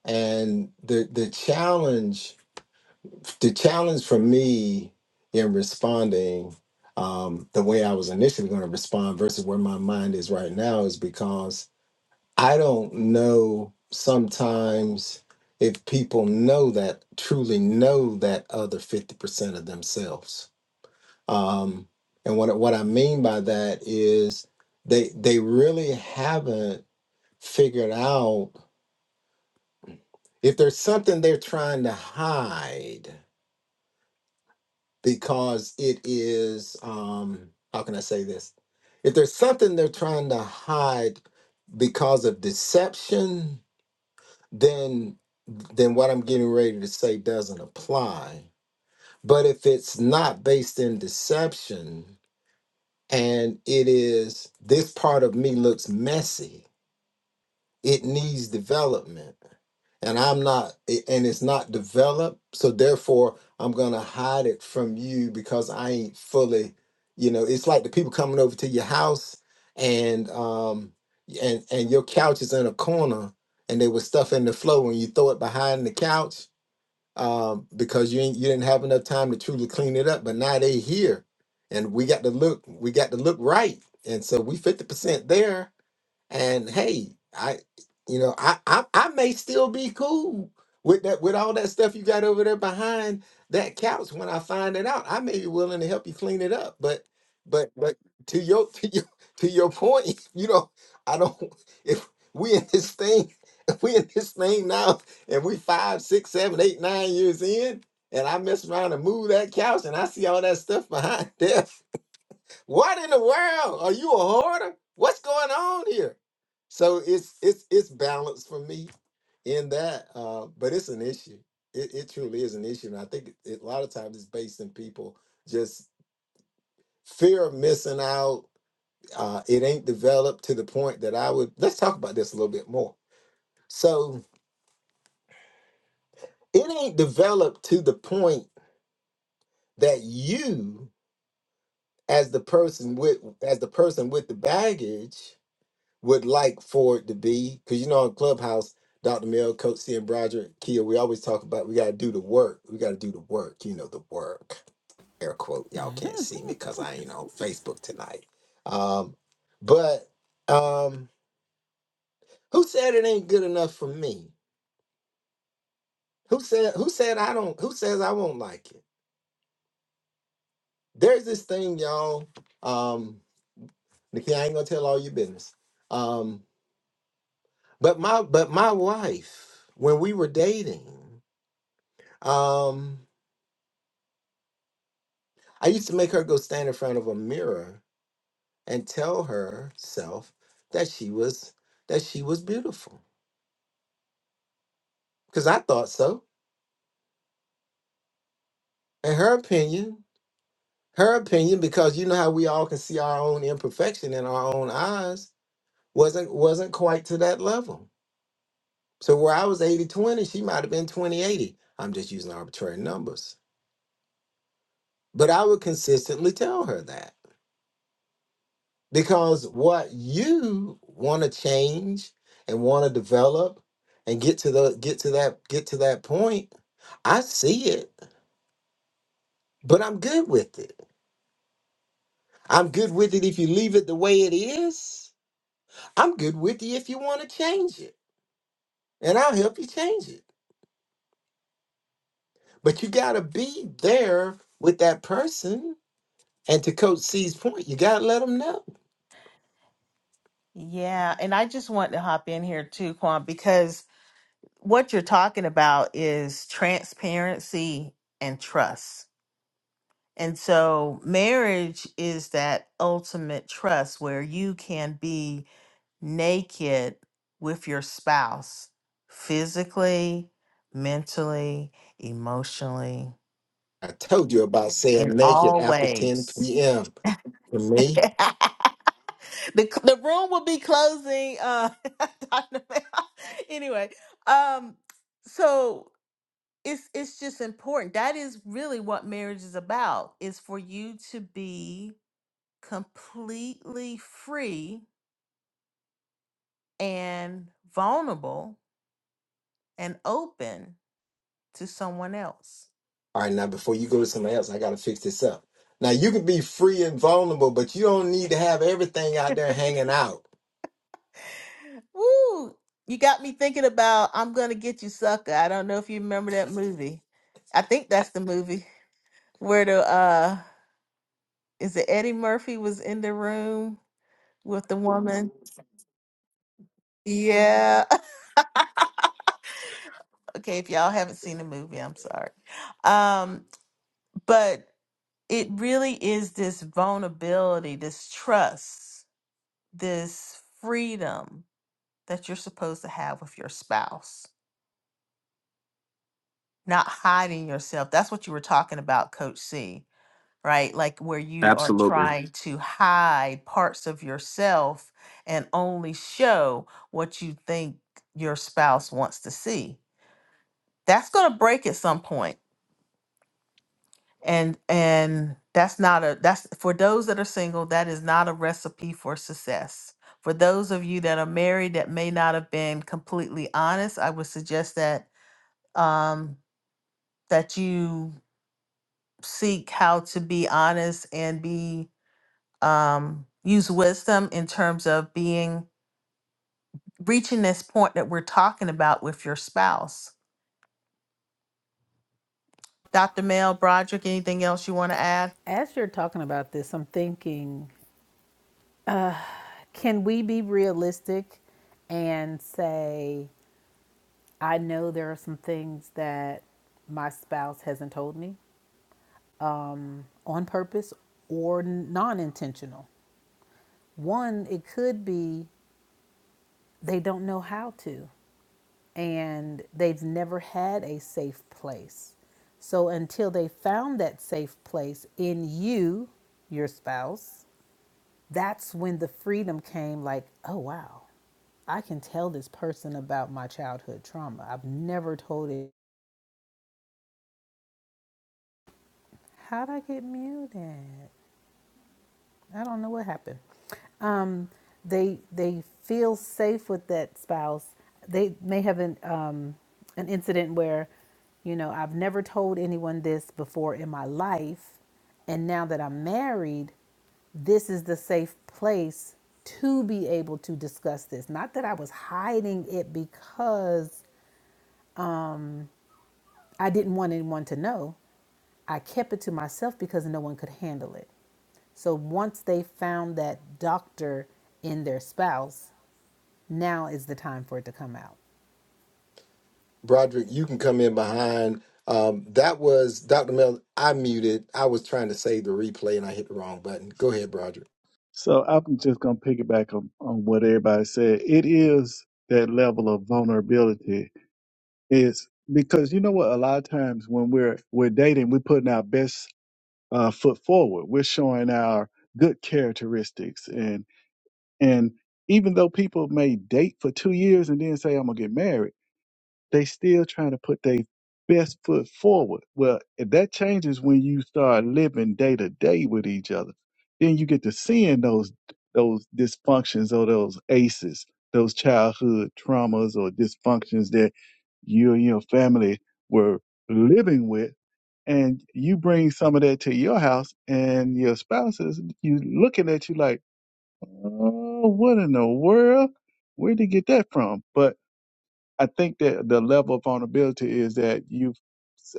A: And the the challenge the challenge for me in responding um, the way I was initially going to respond versus where my mind is right now is because I don't know sometimes if people know that truly know that other fifty percent of themselves um, and what what I mean by that is they they really haven't figured out if there's something they're trying to hide because it is um, how can I say this? If there's something they're trying to hide because of deception, then then what I'm getting ready to say doesn't apply. But if it's not based in deception, and it is this part of me looks messy it needs development and i'm not i- and it's not developed so therefore i'm gonna hide it from you because i ain't fully you know it's like the people coming over to your house and um and and your couch is in a corner and they were stuff in the floor and you throw it behind the couch um, because you ain't, you didn't have enough time to truly clean it up. But now they here, and we got to look we got to look right, and so we fifty percent there and hey, I you know, I I, I may still be cool with that with all that stuff you got over there behind that couch when I find it out. I may be willing to help you clean it up, but but but to your *laughs* to your to your point, *laughs* you know, I don't *laughs* if we in this thing *laughs* if we in this thing now and we five, six, seven, eight, nine years in and I mess around and move that couch and I see all that stuff behind *laughs* there. What in the world? Are you a hoarder? What's going on here? So it's it's it's balanced for me in that, uh, but it's an issue. It, it truly is an issue, and I think it, it- a lot of times it's based in people just fear of missing out. Uh, it ain't developed to the point that I would. Let's talk about this a little bit more. So it ain't developed to the point that you, as the person with as the person with the baggage, would like for it to be because you know on Clubhouse, Dr. Mel, Coach C and Broderick, Kia, we always talk about we gotta do the work. We gotta do the work, you know, the work. Air quote, y'all can't see me because I ain't on Facebook tonight. Um, but um who said it ain't good enough for me? Who said who said I don't who says I won't like it? There's this thing, y'all. Um, Nikki, I ain't gonna tell all your business. Um, but my but my wife, when we were dating. Um, I used to make her go stand in front of a mirror and tell herself that she was that she was beautiful because I thought so. In her opinion, her opinion, because you know how we all can see our own imperfection in our own eyes, wasn't wasn't quite to that level. So where I was eighty twenty, she might have been twenty eighty. I'm just using arbitrary numbers. But I would consistently tell her that. Because what you want to change and want to develop and get to the get to that get to that point, I see it, but I'm good with it. I'm good with it if you leave it the way it is. I'm good with you if you want to change it. And I'll help you change it. But you gotta be there with that person. And to Coach C's point, you gotta let them know.
B: Yeah, and I just want to hop in here too, Quan, because what you're talking about is transparency and trust And so marriage is that ultimate trust where you can be naked with your spouse physically, mentally, emotionally,
A: I told you about saying
B: in
A: naked
B: all
A: after 10
B: ways.
A: p.m. For
B: *laughs*
A: me.
B: the, c- the room will be closing. Uh, *laughs* Dr. Mel. *laughs* anyway, um, so it's it's just important. That is really what marriage is about. Is for you to be completely free and vulnerable and open to someone else.
A: All right, now before you go to somebody else, I got to fix this up. Now you can be free and vulnerable, but you don't need to have everything out there hanging out.
B: Woo! You got me thinking about I'm gonna get you sucker. I don't know if you remember that movie. I think that's the movie where the uh is it Eddie Murphy was in the room with the woman. Yeah. *laughs* Okay, if y'all haven't seen the movie, I'm sorry. Um, but it really is this vulnerability, this trust this freedom that you're supposed to have with your spouse, not hiding yourself. That's what you were talking about, Coach C, right? Like where you are
E: Absolutely.
B: trying to hide parts of yourself and only show what you think your spouse wants to see. That's going to break at some point and and that's not a that's for those that are single that is not a recipe for success for those of you that are married that may not have been completely honest i would suggest that um that you seek how to be honest and be um use wisdom in terms of being reaching this point that we're talking about with your spouse dr mel broderick anything else you want to add
C: As you're talking about this, I'm thinking, can we be realistic and say, I know there are some things that my spouse hasn't told me on purpose or non intentional? One, it could be they don't know how to and they've never had a safe place. So until they found that safe place in you, your spouse, that's when the freedom came like, oh, wow, I can tell this person about my childhood trauma. I've never told it. How'd I get muted? I don't know what happened. Um, they they feel safe with that spouse. They may have an um, an incident where, you know, I've never told anyone this before in my life, and now that I'm married, this is the safe place to be able to discuss this. Not that I was hiding it because I didn't want anyone to know. I kept it to myself because no one could handle it. So once they found that doctor in their spouse, now is the time for it to come out.
A: Broderick, you can come in behind. Um, that was Dr. Mel. I muted. I was trying to save the replay and I hit the wrong button. Go ahead, Broderick.
D: so I'm just gonna piggyback on, on what everybody said. It is that level of vulnerability. It's because you know what, a lot of times when we're we're dating, we're putting our best uh, foot forward. We're showing our good characteristics, and and even though people may date for two years and then say I'm gonna get married, they still trying to put their best foot forward. Well, if that changes when you start living day to day with each other, then you get to seeing those those dysfunctions or those aces, those childhood traumas or dysfunctions that you and your family were living with and you bring some of that to your house and your spouse is you looking at you like, oh, what in the world? Where'd you get that from? But I think that the level of vulnerability is that you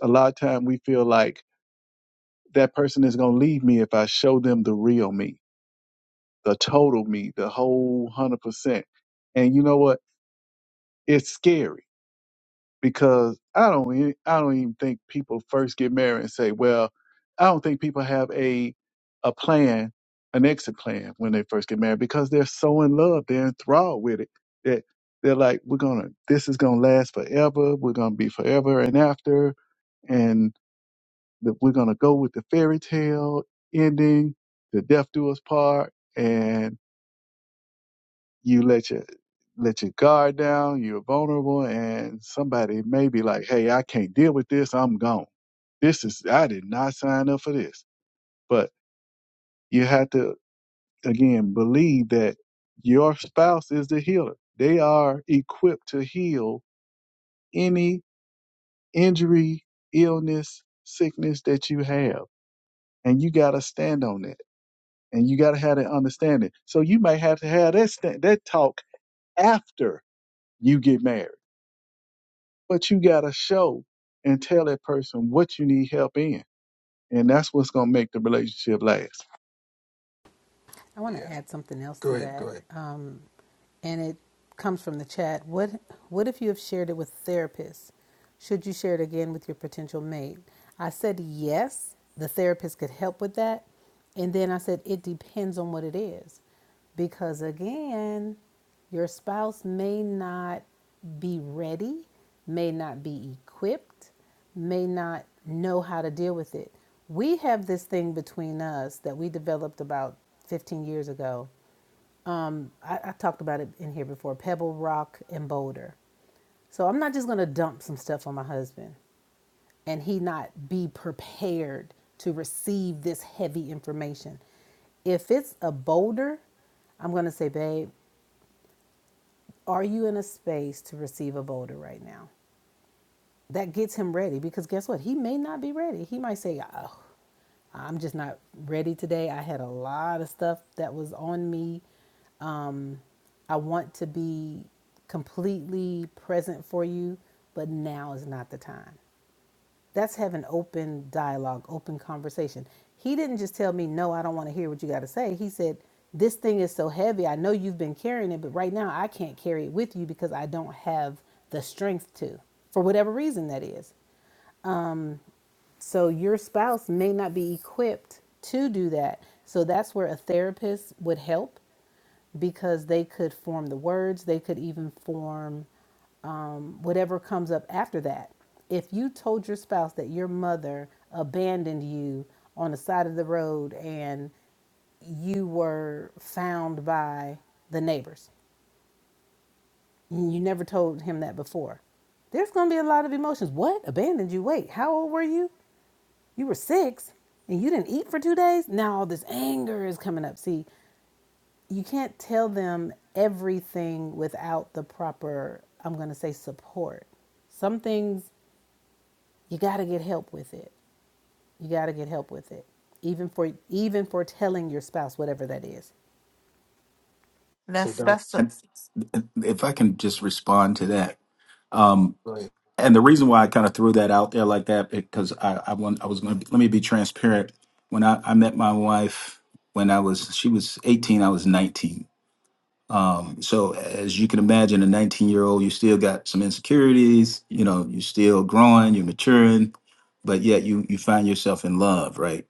D: a lot of time we feel like that person is gonna leave me if I show them the real me, the total me, the whole hundred percent. And you know what? It's scary because I don't e- I don't even think people first get married and say, well, I don't think people have a a plan, an exit plan when they first get married because they're so in love, they're enthralled with it that they're like, we're gonna this is gonna last forever, we're gonna be forever and after, and that we're gonna go with the fairy tale ending, the death do us part, and." you let your let your guard down, you're vulnerable, and somebody may be like, Hey, I can't deal with this, I'm gone. This is I did not sign up for this. But you have to again believe that your spouse is the healer. They are equipped to heal any injury, illness, sickness that you have. And you gotta stand on that. And you gotta have that understanding. So you may have to have that stand, that talk after you get married but you got to show and tell that person what you need help in. And that's what's going to make the relationship last.
C: I want to
A: Yeah.
C: add something else
A: Go
C: to
A: ahead. Go
C: that.
A: ahead.
C: Um, and it comes from the chat. What what if you have shared it with a therapist? Should you share it again with your potential mate? I said yes, the therapist could help with that. And then I said it depends on what it is. Because again, your spouse may not be ready, may not be equipped, may not know how to deal with it. We have this thing between us that we developed about 15 years ago um, I, I talked about it in here before Pebble Rock and Boulder. So I'm not just going to dump some stuff on my husband and he not be prepared to receive this heavy information. If it's a boulder, I'm going to say, babe, are you in a space to receive a boulder right now? that gets him ready because guess what? He may not be ready. He might say, "Oh, I'm just not ready today. I had a lot of stuff that was on me. Um, I want to be completely present for you, but now is not the time." That's having open dialogue, open conversation. He didn't just tell me, no, I don't want to hear what you got to say. He said, this thing is so heavy. I know you've been carrying it, but right now I can't carry it with you because I don't have the strength to, for whatever reason that is. So your spouse may not be equipped to do that. So that's where a therapist would help because they could form the words, they could even form um, whatever comes up after that. If you told your spouse that your mother abandoned you on the side of the road and you were found by the neighbors, and you never told him that before, there's going to be a lot of emotions. What? Abandoned you? Wait, how old were you? You were six and you didn't eat for two days? Now all this anger is coming up. See, you can't tell them everything without the proper, I'm going to say, support. Some things. you got to get help with it. You got to get help with it. Even for even for telling your spouse whatever that is.
A: So,
B: that's
A: Doc,
B: that's
E: And if I can just respond to that. Um,
A: go ahead.
E: and the reason why I kind of threw that out there like that because I, I want I was going to let me be transparent. When I, I met my wife, when I was she was 18, I was 19 Um, so as you can imagine, a 19 year old, you still got some insecurities, you know, you're still growing, you're maturing, but yet you you find yourself in love, right?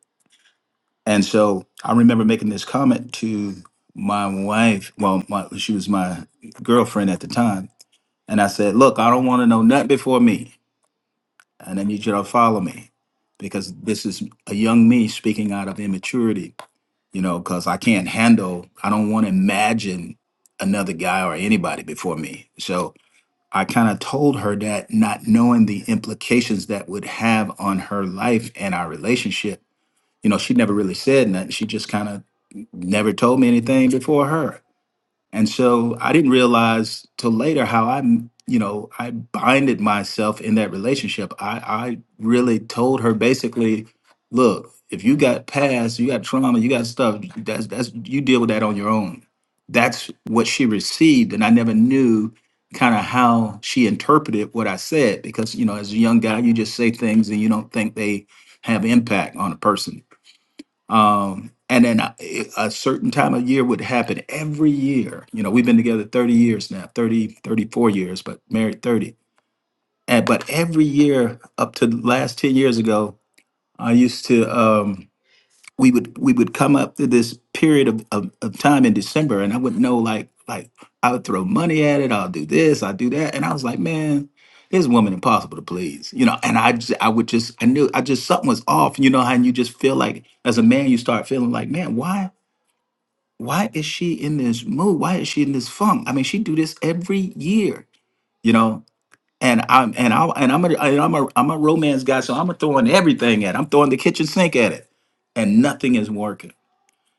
E: And so I remember making this comment to my wife, well, my, she was my girlfriend at the time, and I said, "Look, I don't want to know nothing before me, and I need you to follow me, because this is a young me speaking out of immaturity." you know, because I can't handle, I don't want to imagine another guy or anybody before me. So I kind of told her that, not knowing the implications that would have on her life and our relationship. You know, she never really said nothing. She just kind of never told me anything before her. And so I didn't realize till later how I, m- you know, I binded myself in that relationship. I, I really told her basically, look, if you got past, you got trauma, you got stuff, that's that's you deal with that on your own. That's what she received. And I never knew kind of how she interpreted what I said because, you know, as a young guy, you just say things and you don't think they have impact on a person um, and then a, a certain time of year would happen every year. You know, we've been together 30 years now, 30 34 years, but married 30. And but every year up to the last 10 years ago, I used to. Um, we would we would come up to this period of, of, of time in December and I wouldn't know like like I would throw money at it, I'll do this, I'll do that. And I was like, man, this woman impossible to please. You know, and I just, I would just I knew I just something was off, you know, and you just feel like as a man you start feeling like, man, why why is she in this mood? Why is she in this funk? I mean, she do this every year, you know. And I'm and I and I'm a and I'm a I'm a romance guy, so I'm throwing everything at. it. I'm throwing the kitchen sink at it, and nothing is working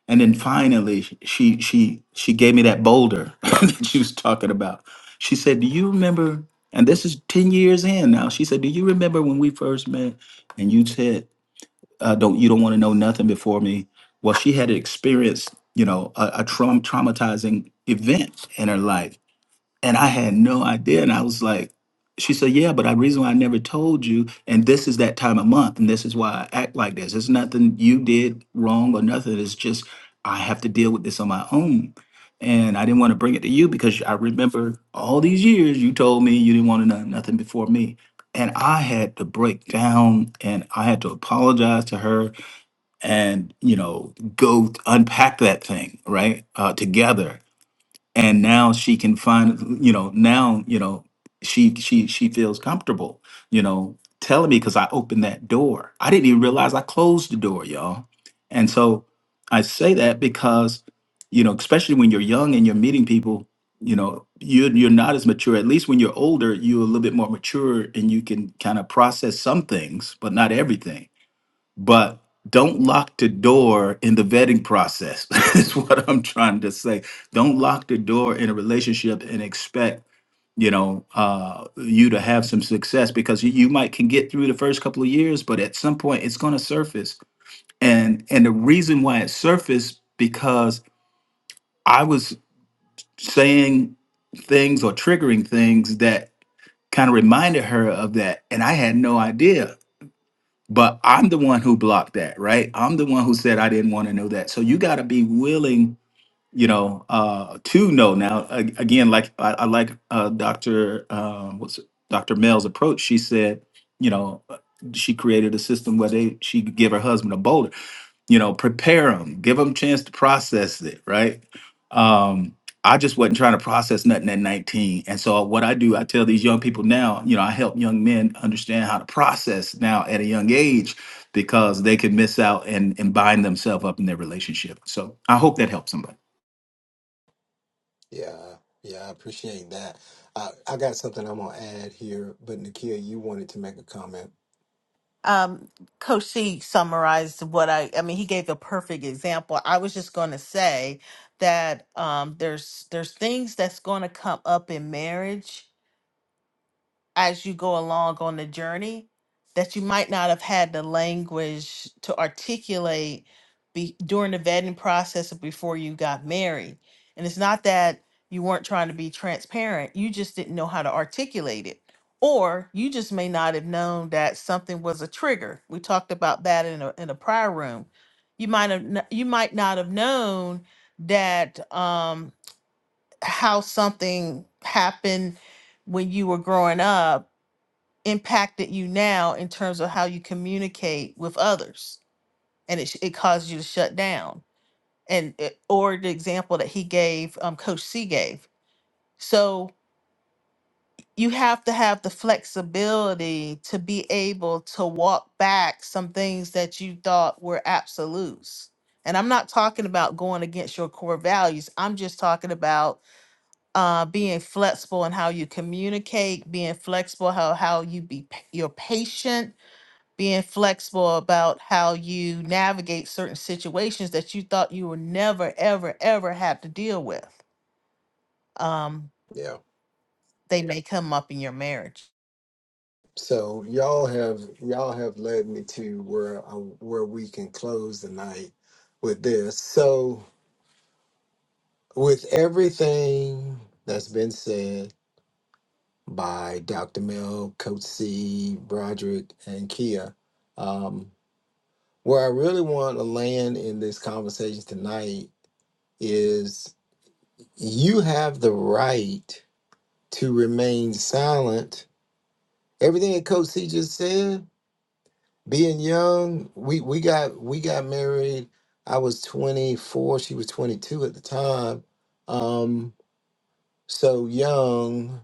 E: and then finally, she she she gave me that boulder *laughs* that she was talking about. She said, "Do you remember?" And this is ten years in now. She said, "Do you remember when we first met?" And you said, uh, "Don't you don't want to know nothing before me?" Well, she had experienced, you know, a, a traum- traumatizing event in her life, and I had no idea. And I was like, she said, Yeah, but the reason why I never told you, and this is that time of month, and this is why I act like this. It's nothing you did wrong or nothing. It's just I have to deal with this on my own. And I didn't want to bring it to you because I remember all these years you told me you didn't want to know nothing before me. And I had to break down and I had to apologize to her and, you know, go unpack that thing, right? Uh, together and now she can find you know now you know she she she feels comfortable you know telling me because i opened that door i didn't even realize i closed the door y'all and so i say that because you know especially when you're young and you're meeting people you know you're, you're not as mature at least when you're older you're a little bit more mature and you can kind of process some things but not everything but don't lock the door in the vetting process *laughs* is what i'm trying to say don't lock the door in a relationship and expect you know uh, you to have some success because you, you might can get through the first couple of years but at some point it's going to surface and and the reason why it surfaced because i was saying things or triggering things that kind of reminded her of that and i had no idea But I'm the one who blocked that, right? I'm the one who said I didn't want to know that. So you got to be willing you know, uh, to know now. A- Again, like I, I like uh, Doctor um, what's it- Doctor Mel's approach. She said, you know, uh, she created a system where they she could give her husband a boulder. You know, prepare them, give them a chance to process it. Right. Um, I just wasn't trying to process nothing at 19. And so what I do, I tell these young people now, you know, I help young men understand how to process now at a young age because they could miss out and, and bind themselves up in their relationship. So I hope that helps somebody.
A: Yeah. Yeah. I appreciate that. Uh, I got something I'm going to add here, but Nakia, you wanted to make a comment.
B: Um, Coach C summarized what I, I mean, he gave a perfect example. I was just going to say that um, there's there's things that's going to come up in marriage as you go along on the journey that you might not have had the language to articulate be, during the vetting process or before you got married. And it's not that you weren't trying to be transparent, you just didn't know how to articulate it. Or you just may not have known that something was a trigger. We talked about that in a, in a prior room. You might have kn- you might not have known that um, how something happened when you were growing up impacted you now in terms of how you communicate with others and it, sh- it caused you to shut down and it, or the example that he gave um, coach c gave so you have to have the flexibility to be able to walk back some things that you thought were absolutes and i'm not talking about going against your core values i'm just talking about uh, being flexible in how you communicate being flexible how, how you be pa- you're patient being flexible about how you navigate certain situations that you thought you would never, ever, ever have to deal with. Um,
A: Yeah.
B: they may come up in your marriage.
A: So y'all have y'all have led me to where I, where we can close the night with this. So with everything that's been said by Dr. Mel, Coach C, Broderick, and Kia, um, where I really want to land in this conversation tonight is you have the right to remain silent. Everything that Coach C just said, being young, we we got we got married. I was 24, she was 22 at the time. Um so young,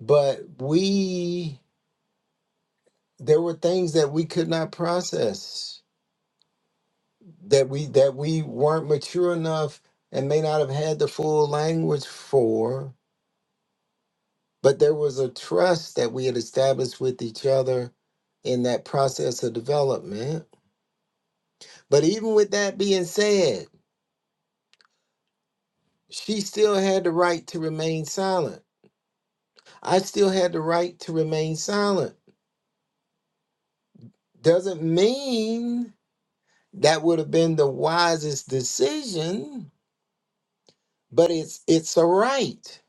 A: but we there were things that we could not process that we that we weren't mature enough and may not have had the full language for, but there was a trust that we had established with each other in that process of development. But even with that being said, She still had the right to remain silent. I still had the right to remain silent. Doesn't mean that would have been the wisest decision, but it's it's a right.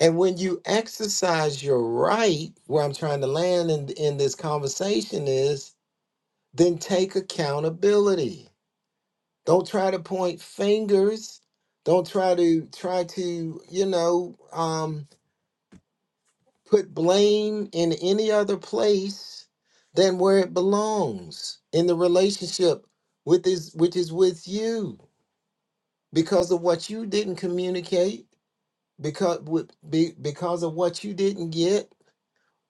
A: And when you exercise your right, where I'm trying to land in, in this conversation is, then take accountability. Don't try to point fingers. Don't try to try to, you know, um, put blame in any other place than where it belongs in the relationship with is which is with you because of what you didn't communicate because with be, because of what you didn't get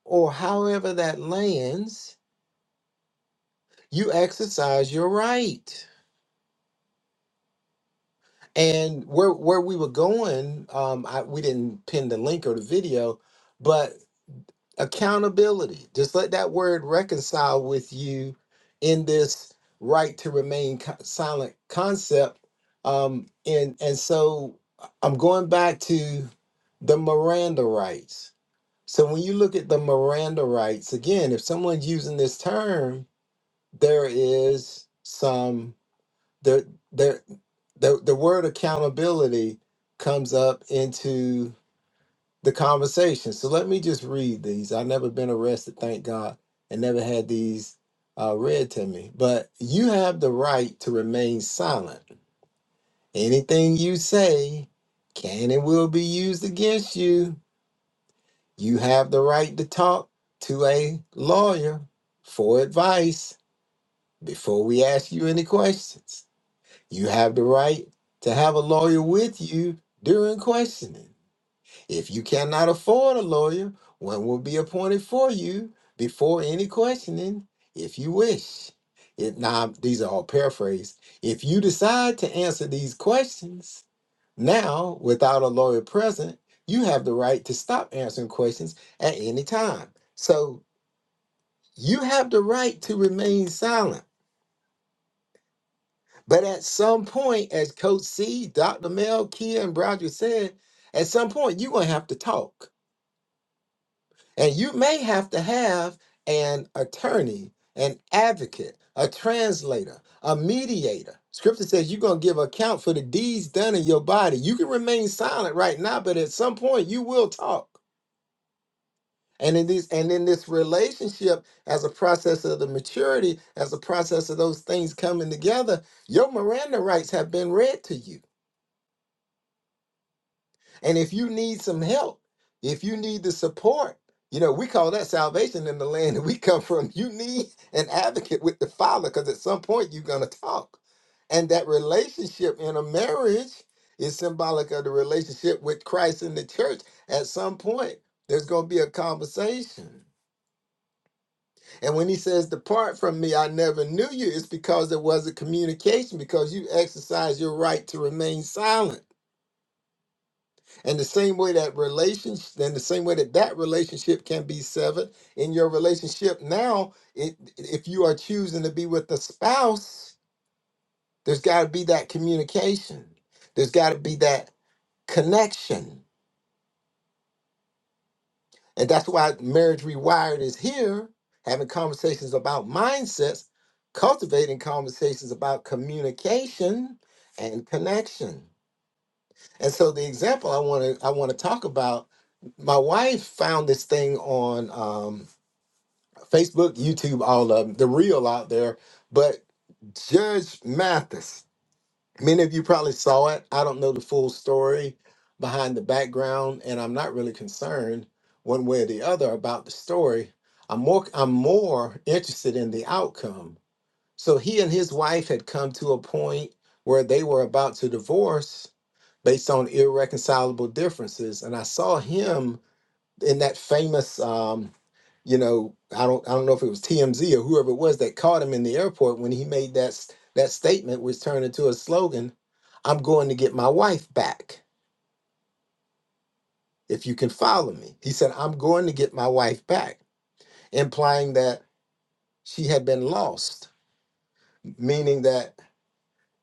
A: or however that lands you exercise your right and where where we were going um I, we didn't pin the link or the video but accountability. Just let that word reconcile with you in this right to remain co- silent concept. Um, and and so uh, I'm going back to the Miranda rights. So when you look at the Miranda rights again, if someone's using this term, there is some there there the the word accountability comes up into the conversation. So let me just read these. I've never been arrested, thank God, and never had these uh, read to me. But you have the right to remain silent. Anything you say can and will be used against you. You have the right to talk to a lawyer for advice before we ask you any questions. You have the right to have a lawyer with you during questioning. If you cannot afford a lawyer, one will be appointed for you before any questioning, if you wish. If now these are all paraphrased. If you decide to answer these questions now without a lawyer present, you have the right to stop answering questions at any time. So you have the right to remain silent. But at some point, as Coach C, Dr. Mel, Kia, and Roger said, at some point you're gonna have to talk And you may have to have an attorney, an advocate, a translator, a mediator. Scripture says you're going to give account for the deeds done in your body. You can remain silent right now, but at some point you will talk. And in these and in this relationship, as a process of the maturity, as a process of those things coming together, your Miranda rights have been read to you. And if you need some help, if you need the support, you know, we call that salvation in the land that we come from. You need an advocate with the Father because at some point you're going to talk. And that relationship in a marriage is symbolic of the relationship with Christ in the church. At some point, there's going to be a conversation. And when he says, Depart from me, I never knew you, it's because there was a communication, because you exercised your right to remain silent And the same way that relations, then the same way that that relationship can be severed in your relationship now, it, if you are choosing to be with a spouse, there's got to be that communication. There's got to be that connection, and that's why marriage rewired is here, having conversations about mindsets, cultivating conversations about communication and connection. And so the example I want to I want to talk about, my wife found this thing on um, Facebook, YouTube, all of 'em, the real out there. But Judge Mathis, many of you probably saw it. I don't know the full story behind the background, and I'm not really concerned one way or the other about the story. I'm more I'm more interested in the outcome. So he and his wife had come to a point where they were about to divorce based on irreconcilable differences. And I saw him in that famous, um, you know, I don't, I don't know if it was TMZ or whoever it was that caught him in the airport when he made that s- that statement, which turned into a slogan. I'm going to get my wife back if you can follow me. He said, I'm going to get my wife back, implying that she had been lost, meaning that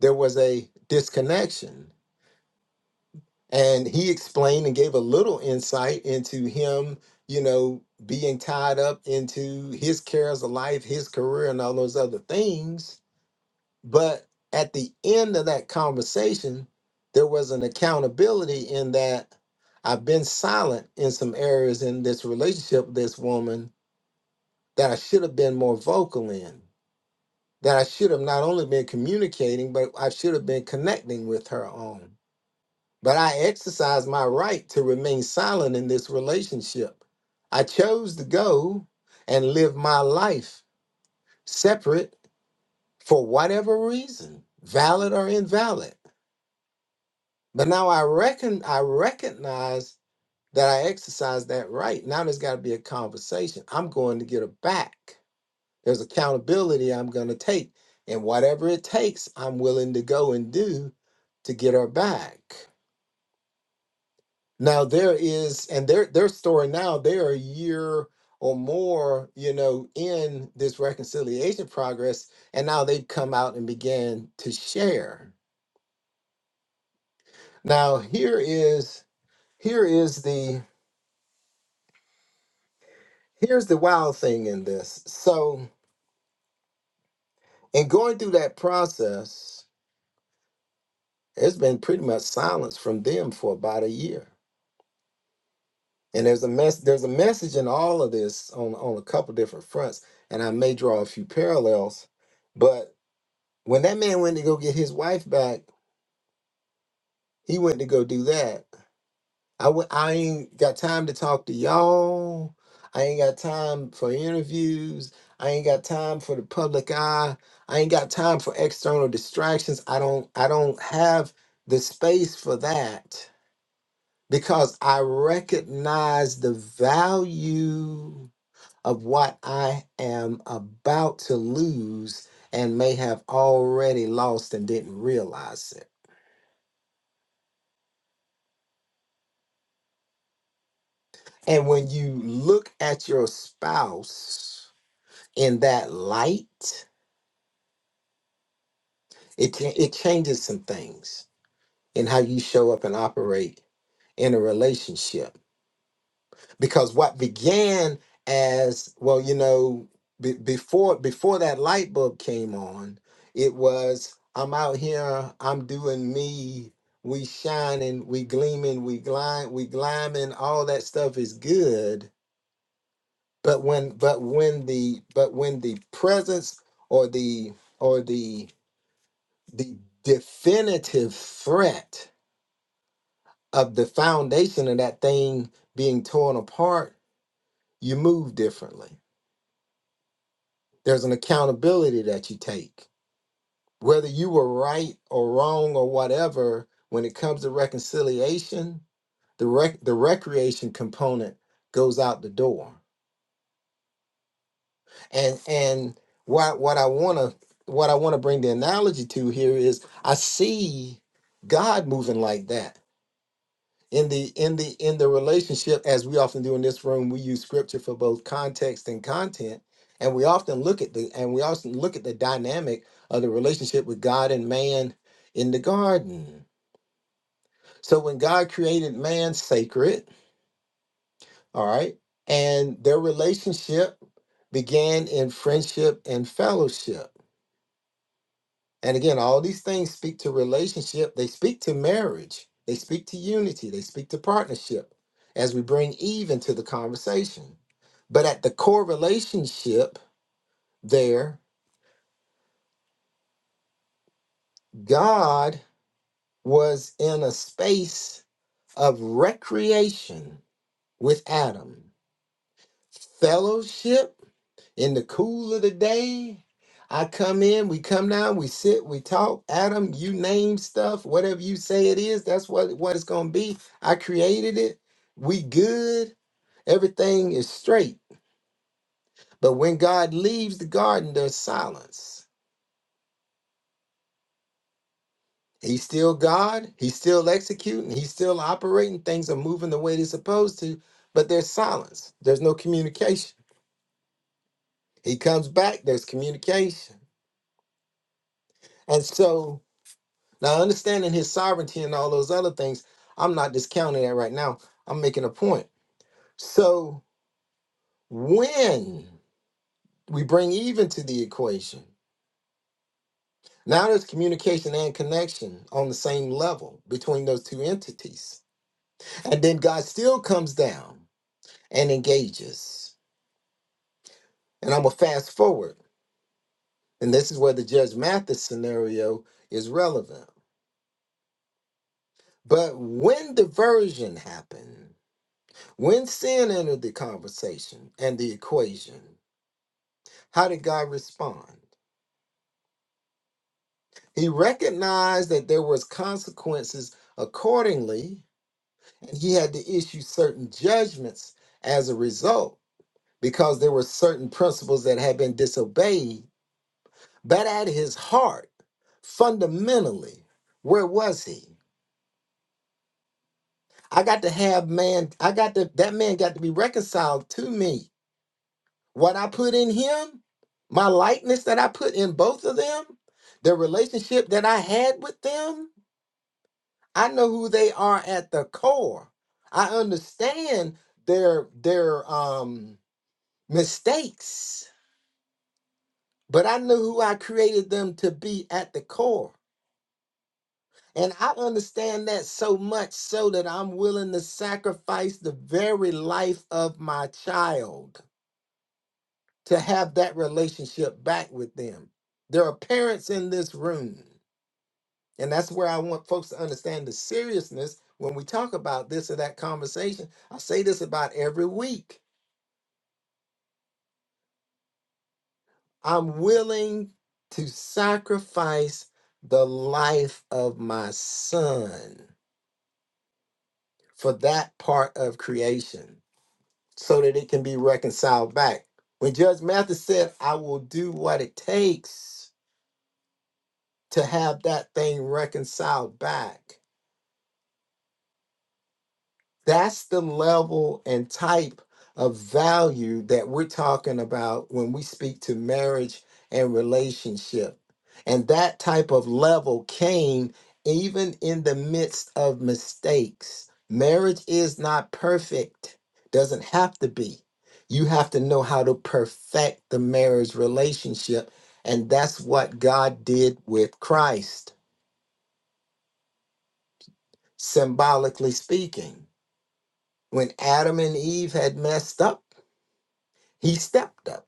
A: there was a disconnection and he explained and gave a little insight into him you know being tied up into his cares of life his career and all those other things but at the end of that conversation there was an accountability in that i've been silent in some areas in this relationship with this woman that i should have been more vocal in that i should have not only been communicating but i should have been connecting with her on but I exercised my right to remain silent in this relationship. I chose to go and live my life separate for whatever reason, valid or invalid. But now I reckon I recognize that I exercised that right. Now there's got to be a conversation. I'm going to get her back. There's accountability I'm going to take. And whatever it takes, I'm willing to go and do to get her back. Now there is, and their their story now, they're a year or more, you know, in this reconciliation progress, and now they've come out and began to share. Now here is here is the here's the wild thing in this. So in going through that process, it's been pretty much silence from them for about a year. And there's a mess there's a message in all of this on on a couple different fronts, and I may draw a few parallels, but When that man went to go get his wife back, he went to go do that. I w- I ain't got time to talk to y'all. I ain't got time for interviews. I ain't got time for the public eye. I ain't got time for external distractions. I don't I don't have the space for that because I recognize the value of what I am about to lose and may have already lost and didn't realize it. And when you look at your spouse in that light, it cha- it changes some things in how you show up and operate in a relationship. Because what began as well, you know, be, before before that light bulb came on, it was I'm out here, I'm doing me, we shining, we gleaming, we glide, we climbing, all that stuff is good But when but when the but when the presence or the or the the definitive threat of the foundation of that thing being torn apart, you move differently. There's an accountability that you take. Whether you were right or wrong or whatever, when it comes to reconciliation, the rec- the recreation component goes out the door and and what what I want to what I want to bring the analogy to here is I see God moving like that in the in the in the relationship as we often do in this room we use scripture for both context and content and we often look at the and we often look at the dynamic of the relationship with God and man in the garden. So when God created man sacred, all right? And their relationship began in friendship and fellowship And again, all these things speak to relationship, they speak to marriage, they speak to unity, they speak to partnership as we bring Eve into the conversation. But at the core relationship there, God was in a space of recreation with Adam, fellowship in the cool of the day. I come in, we come down, we sit, we talk. Adam, you name stuff, whatever you say it is, that's what, what it's gonna be. I created it. We good. Everything is straight. But when God leaves the garden, there's silence. He's still God, he's still executing, he's still operating, things are moving the way they're supposed to, but there's silence. There's no communication. He comes back, there's communication. And so Now, understanding his sovereignty and all those other things, I'm not discounting that right now. I'm making a point. So, when we bring even to the equation, now there's communication and connection on the same level between those two entities. And then God still comes down and engages. And I'm going to fast forward. And this is where the Judge Mathis scenario is relevant. But when diversion happened, when sin entered the conversation and the equation, How did God respond? He recognized that there was consequences accordingly, and he had to issue certain judgments as a result because there were certain principles that had been disobeyed. But at his heart, fundamentally, where was he? I got to have man, I got to that man got to be reconciled to me. What I put in him, my likeness that I put in both of them, the relationship that I had with them, I know who they are at the core. I understand their their um mistakes, but I know who I created them to be at the core. And I understand that so much so that I'm willing to sacrifice the very life of my child to have that relationship back with them. There are parents in this room. And that's where I want folks to understand the seriousness when we talk about this or that conversation. I say this about every week. I'm willing to sacrifice the life of my son for that part of creation so that it can be reconciled back. When Judge Mathis said, I will do what it takes to have that thing reconciled back, That's the level and type of value that we're talking about when we speak to marriage and relationship. And that type of level came even in the midst of mistakes. Marriage is not perfect, doesn't have to be. You have to know how to perfect the marriage relationship. And that's what God did with Christ, symbolically speaking. When Adam and Eve had messed up, He stepped up.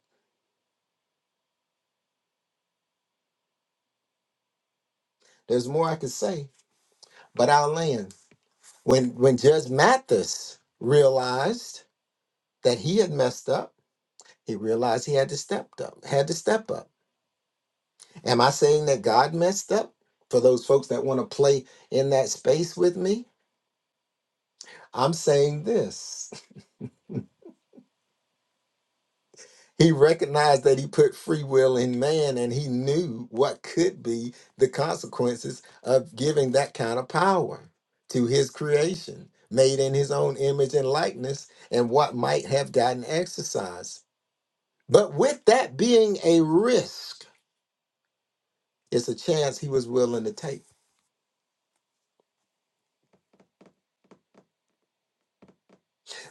A: There's more I could say, but I'll land. When when Judge Mathis realized that he had messed up, he realized he had to step up, had to step up. Am I saying that God messed up? For those folks that want to play in that space with me, I'm saying this. He recognized that he put free will in man and he knew what could be the consequences of giving that kind of power to his creation, made in his own image and likeness, and what might have gotten exercised. But with that being a risk, it's a chance he was willing to take.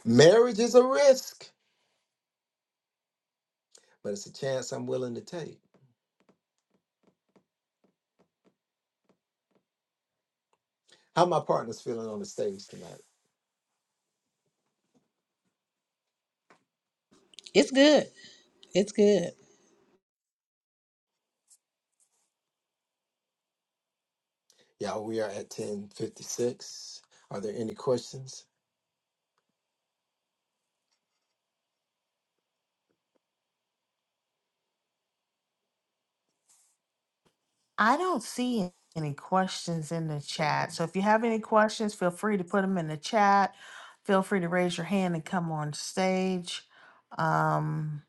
A: Marriage is a risk, but it's a chance I'm willing to take. How my partners feeling on the stage tonight?
C: It's good. It's good.
A: Y'all, we are at 1056. Are there any questions?
B: I don't see any questions in the
A: Okay.
B: chat. So if you have any questions, feel free to put them in the chat. Feel free to raise your hand and come on stage. Um,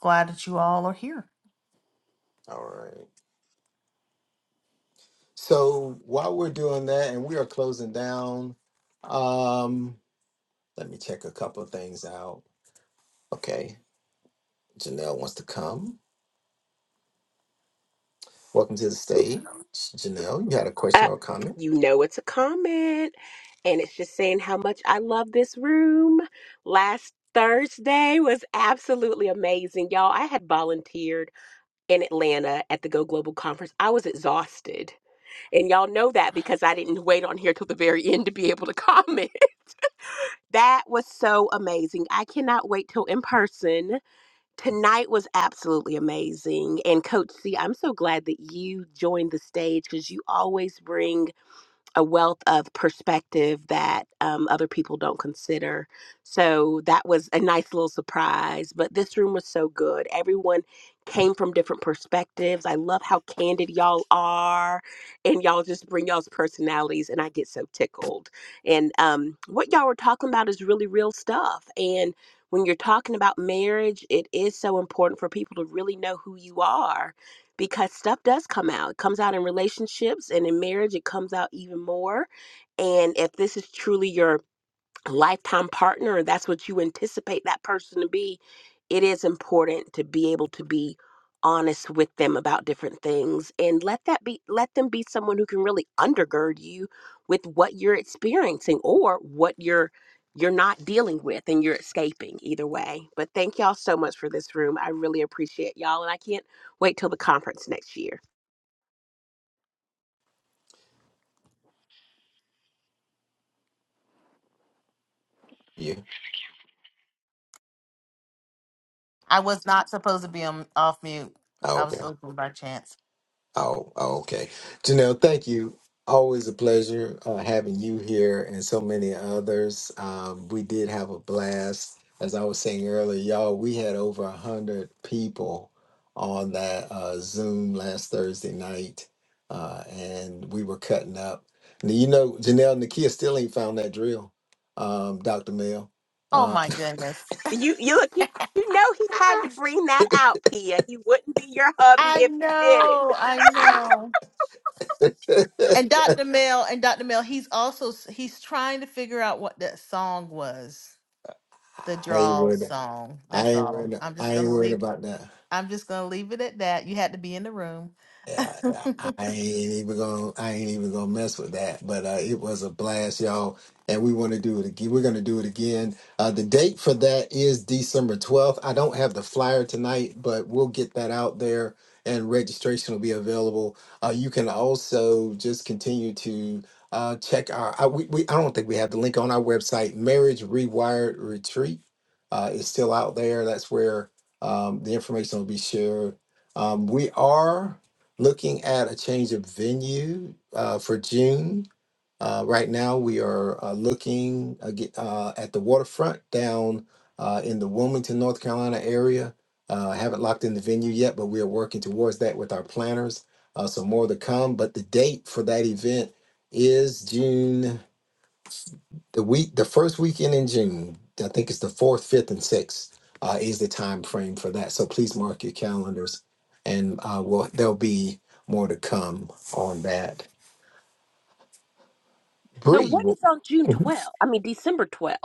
B: glad that you all are here.
A: All right. So while we're doing that and we are closing down, um, let me check a couple of things out. Okay, Janelle wants to come. Welcome to the stage. Janelle, you had a question
F: Uh,
A: or a comment?
F: you know, it's a comment, and it's just saying how much I love this room. Last Thursday was absolutely amazing, y'all. I had volunteered in Atlanta at the Go Global Conference. I was exhausted, and y'all know that because I didn't wait on here till the very *laughs* end to be able to comment. *laughs* that was so amazing. I cannot wait till in person. Tonight was absolutely amazing. And Coach C, I'm so glad that you joined the stage because you always bring a wealth of perspective that um, other people don't consider. So that was a nice little surprise. But this room was so good. Everyone came from different perspectives. I love how candid y'all are, and y'all just bring y'all's personalities, and I get so tickled. And um, what y'all were talking about is really real stuff. And when you're talking about marriage, it is so important for people to really know who you are because stuff does come out. It comes out in relationships and in marriage, it comes out even more. And if this is truly your lifetime partner and that's what you anticipate that person to be it is important to be able to be honest with them about different things and let that be let them be someone who can really undergird you with what you're experiencing or what you're you're not dealing with and you're escaping either way but thank y'all so much for this room i really appreciate y'all and i can't wait till the conference next year
A: You.
B: I was not supposed to be on off mute.
A: Oh,
B: I
A: okay.
B: was open by chance.
A: Oh, oh, okay. Janelle, thank you. Always a pleasure uh, having you here and so many others. Um, we did have a blast. As I was saying earlier, y'all, we had over a 100 people on that uh, Zoom last Thursday night, uh, and we were cutting up. Now, you know, Janelle Nakia still ain't found that drill, um, Dr. Mel.
B: Oh
A: Uh,
B: my goodness.
F: You you look you, you know he had to bring that out, Kia. He wouldn't be your hubby
B: I
F: if he didn't.
B: know, I
F: *laughs*
B: know.
A: *laughs*
B: And Dr. Mel and Dr. Mel, he's also he's trying to figure out what that song was, the
A: I ain't
B: draw
A: worried.
B: song.
A: I
B: That's
A: ain't
B: all.
A: worried.
B: I'm just
A: I ain't
B: gonna
A: worried
B: leave.
A: about that.
B: I'm just gonna leave it at that. You had to be in the room.
A: Yeah, yeah, I ain't even gonna I ain't even gonna mess with that. But uh, it was a blast, y'all, and we want to do it again. We're gonna do it again. Uh, the date for that is December twelfth. I don't have the flyer tonight, but we'll get that out there, and registration will be available. Uh, you can also just continue to uh, check our. I, we, we I don't think we have the link on our website. Marriage Rewired Retreat uh, is still out there. That's where um, the information will be shared. Um, we are looking at a change of venue uh, for June. Uh, right now, we are uh, looking aga- uh, at the waterfront down uh, in the Wilmington, North Carolina area. Uh, I haven't locked in the venue yet, but we are working towards that with our planners. Uh, so more to come. But the date for that event is June the week the first weekend in june i think it's the fourth fifth and sixth uh, is the time frame for that so please mark your calendars and uh, we'll, there'll be more to come on that
F: So
A: Bree,
F: what is on June 12th? I mean December 12th.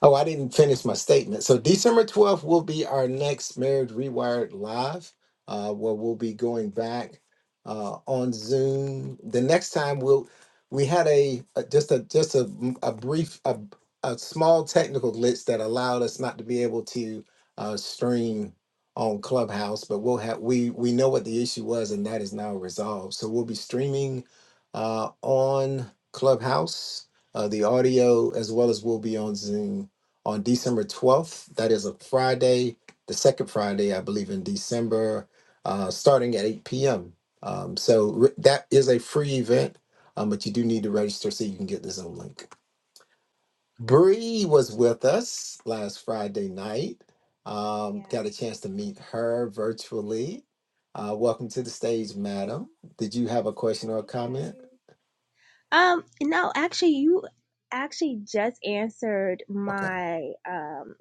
A: Oh, I didn't finish my statement. So December 12th will be our next Marriage Rewired Live, uh, where we'll be going back uh, on Zoom. The next time we'll we had a, a just a just a, a brief a, a small technical glitch that allowed us not to be able to uh, stream on Clubhouse, but we'll have we we know what the issue was and that is now resolved. So we'll be streaming uh, on Clubhouse, uh, the audio as well as we'll be on Zoom on December 12th. That is a Friday, the second Friday, I believe, in December, uh, starting at 8 p.m. Um, so re- that is a free event, um, but you do need to register so you can get the Zoom link. Bree was with us last Friday night. Um,
G: Yeah.
A: got a chance to meet her virtually. Uh, welcome to the stage, madam. Did you have a question or a
G: Hey
A: comment?
G: guys. Um, no, actually you actually just answered
A: Okay.
G: my um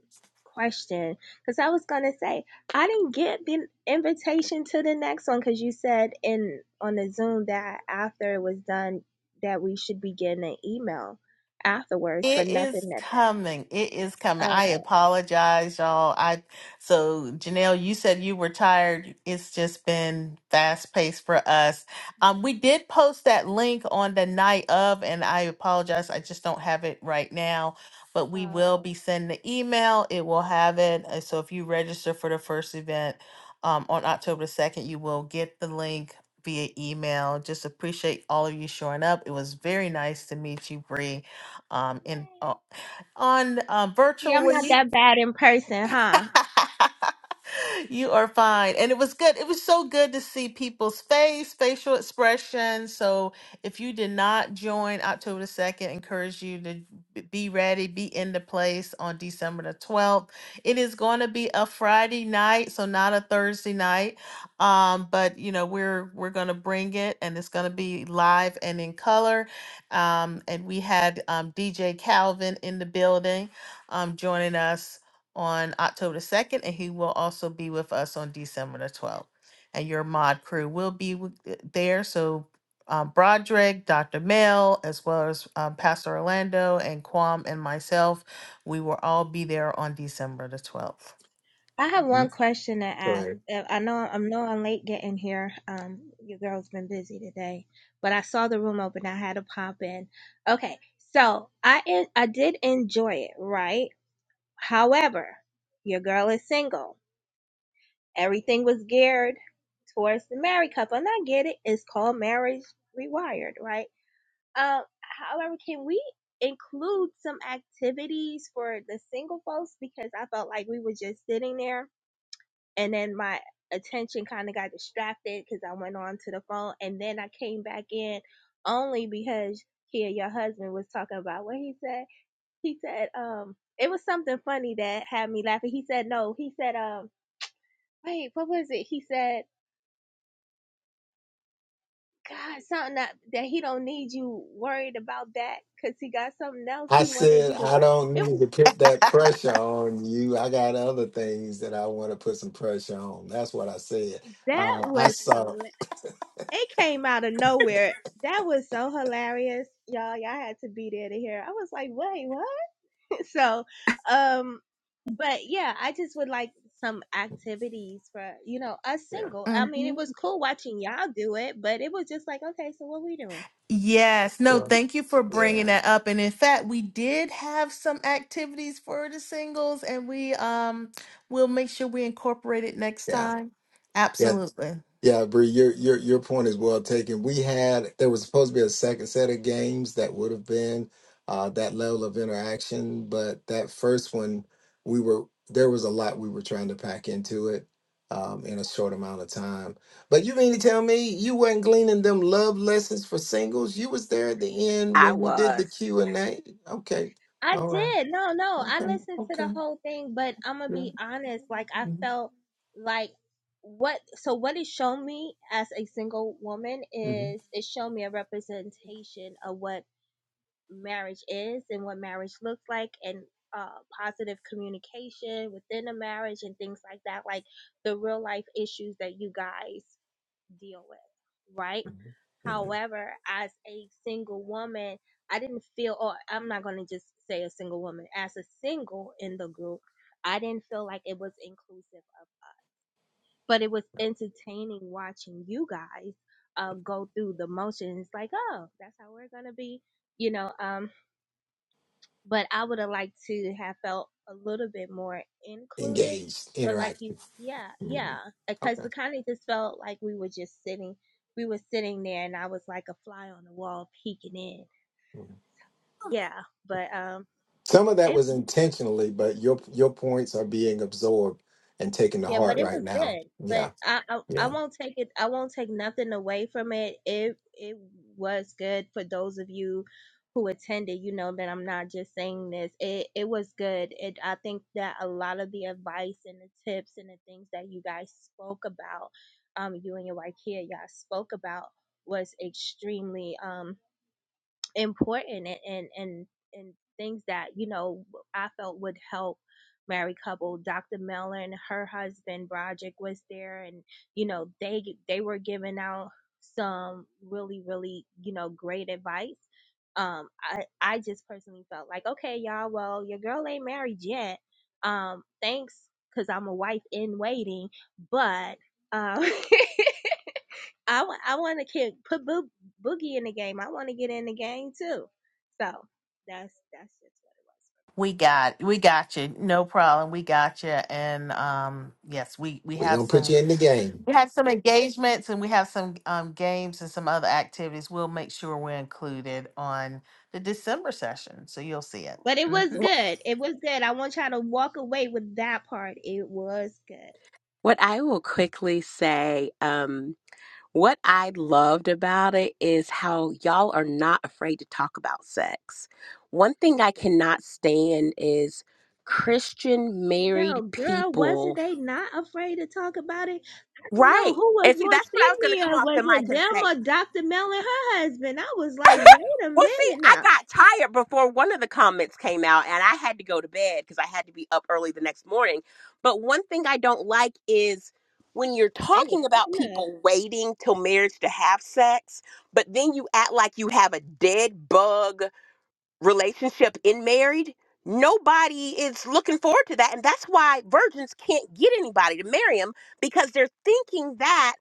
G: question because I was gonna say I didn't get the invitation to the next one because you said in on the Zoom that after it was done that we should be getting an email afterwards, but
B: It is
G: nothing that
B: coming. It is coming. I
G: okay.
B: apologize, y'all. I so Janelle, you said you were tired. It's just been fast paced for us.
G: hmm
B: Um, we did post that link on the night of, and I apologize. I just don't have it right now, but we will
G: Oh.
B: be sending the email. It will have it. Uh, So if you register for the first event um, on October the second, you will get the link via email. Just appreciate all of you showing up. It was very nice to meet you, Bree um in uh,
G: Yay.
B: on uh,
G: See, I'm not
B: virtually.
G: that bad in person, huh?
B: *laughs* You are fine. And it was good. It was so good to see people's face, facial expressions. So if you did not join October the 2nd, encourage you to b- be ready, be in the place on December the 12th. It is going to be a Friday night, so not a Thursday night. Um, but you know, we're we're gonna bring it and it's gonna be live and in color. Um, and we had um, DJ Calvin in the building um, joining us on October the 2nd, and he will also be with us on December the 12th. And your mod crew will be with, there. So, um, Broderick, Dr. Mel, as well as um, Pastor Orlando and Kwam and myself, we will all be there on December the 12th.
G: I have one
A: Mhm.
G: question to
A: Go
G: ask.
A: ahead.
G: Uh, I know I know I'm late getting here. Um, your girl's been busy today, but I saw the room open. I had to pop in. Okay, so I en- I did enjoy it, right? However, your girl is single. Everything was geared towards the married couple, and I get it. It's called marriage rewired, right? Um, however, can we include some activities for the single folks because I felt like we were just sitting there and then my attention kind of got distracted because I went on to the phone, and then I came back in only because here your husband was talking about what he said. He said, um, it was something funny that had me laughing. He said, no, he said, um, wait, what was it? He said, God, something that, that he don't need you worried about that because he got something else
A: I
G: he wanted
A: said
G: you to
A: I
G: worry.
A: don't
G: It
A: need
G: was
A: to put that pressure on you. I got other things that I want to put some pressure on. That's what I said.
G: that
A: Uh, I
G: was
A: saw.
G: hilarious. It came out of nowhere. That was so hilarious, y'all. Y'all had to be there to hear. I was like, wait, what? *laughs* So, um, but yeah, I just would like some activities for you know us
A: Yeah.
G: single. I mean, it
B: Mhm.
G: was cool watching y'all do it, but it was just like, okay, so what we doing?
B: Yes, no,
A: Well.
B: thank you for bringing
A: Yeah.
B: that up. And in fact, we did have some activities for the singles, and we um will make sure we incorporate it next
A: Yeah.
B: time.
A: Yeah.
B: Absolutely.
A: Yeah, Bree, your your your point is well taken. We had there was supposed to be a second set of games that would have been uh, that level of interaction, but that first one we were there was a lot we were trying to pack into it um, in a short amount of time. But you mean to tell me you wasn't gleaning them love lessons for singles? You was there at the end
F: I
A: when we did the
F: was.
A: Q and A. Okay,
G: I
A: all right,
G: did. No, no, I
A: okay,
G: listened to the
A: okay,
G: whole thing, but I'm gonna
A: yeah,
G: be honest. Like, I
A: hmm
G: felt like what so what it showed me as a single woman
A: hmm
G: is it showed me a representation of what marriage is and what marriage looks like and uh, positive communication within a marriage and things like that, like the real life issues that you guys deal with, right? However, as a single woman, I didn't feel, or I'm not going to just say a single woman, as a single in the group, I didn't feel like it was inclusive of us, but it was entertaining watching you guys uh, go through the motions like, oh, that's how we're going to be, you know, um, but I would have liked to have felt a little bit more included.
A: engaged,
G: But like you,
A: interactive.
G: yeah, yeah,
A: Mhm.
G: because
A: Okay.
G: it kind of just felt like we were just sitting, we were sitting there, and I was like a fly on the wall peeking in.
A: Mm-hmm.
G: Yeah, but um,
A: Some of that
G: it.
A: was intentionally, but your your points are being absorbed and taken to
G: Yeah, but
A: heart
G: it
A: right
G: was
A: now.
G: good. But
A: Yeah,
G: I, I I
A: yeah.
G: won't take it. I won't take nothing away from it. It it was good for those of you who attended. You know that I'm not just saying this. It it was good. It I think that a lot of the advice and the tips and the things that you guys spoke about, um, you and your wife here, y'all spoke about was extremely um important and and and, and things that you know I felt would help married couple. Dr. Mellon, her husband Broderick was there, and you know they they were giving out some really really you know great advice. Um, I I just personally felt like okay y'all, well your girl ain't married yet. Um, thanks because I'm a wife in waiting, but um. *laughs* I, w- I want to kick put Boo, Boogie in the game. I want to get in the game too. So that's that's just what it was.
B: We got we got you. No problem. We got you. And um yes, we we
A: We're
B: have
A: gonna put
B: some
A: you in the game.
B: we have some engagements and we have some um games and some other activities. We'll make sure we're included on the December session. So you'll see it.
G: But it
B: hmm
G: was
F: Wh-
G: good. It was good. I want y'all to walk away with that part. It was good.
F: What I will quickly say, What I loved about it is how y'all are not afraid to talk about sex. One thing I cannot stand is Christian married
G: Janelle, girl, wasn't
F: people.
G: they not afraid to talk about it? I don't know
F: Right.
G: who was
F: And see,
G: more
F: that's what I was going to come
G: senior.
F: off
G: Was
F: the mic
G: it
F: and
G: them
F: say.
G: or Dr. Mel and her husband? I was
F: *laughs*
G: like, wait a
F: Well, see,
G: minute
F: I
G: now.
F: got tired before one of the comments came out, and I had to go to bed because I had to be up early the next morning. But one thing I don't like is when you're
G: They were
F: talking about
G: cutting up.
F: people waiting till marriage to have sex, but then you act like you have a dead bug relationship in married. Nobody is looking forward to that. And that's why virgins can't get anybody to marry them because they're thinking that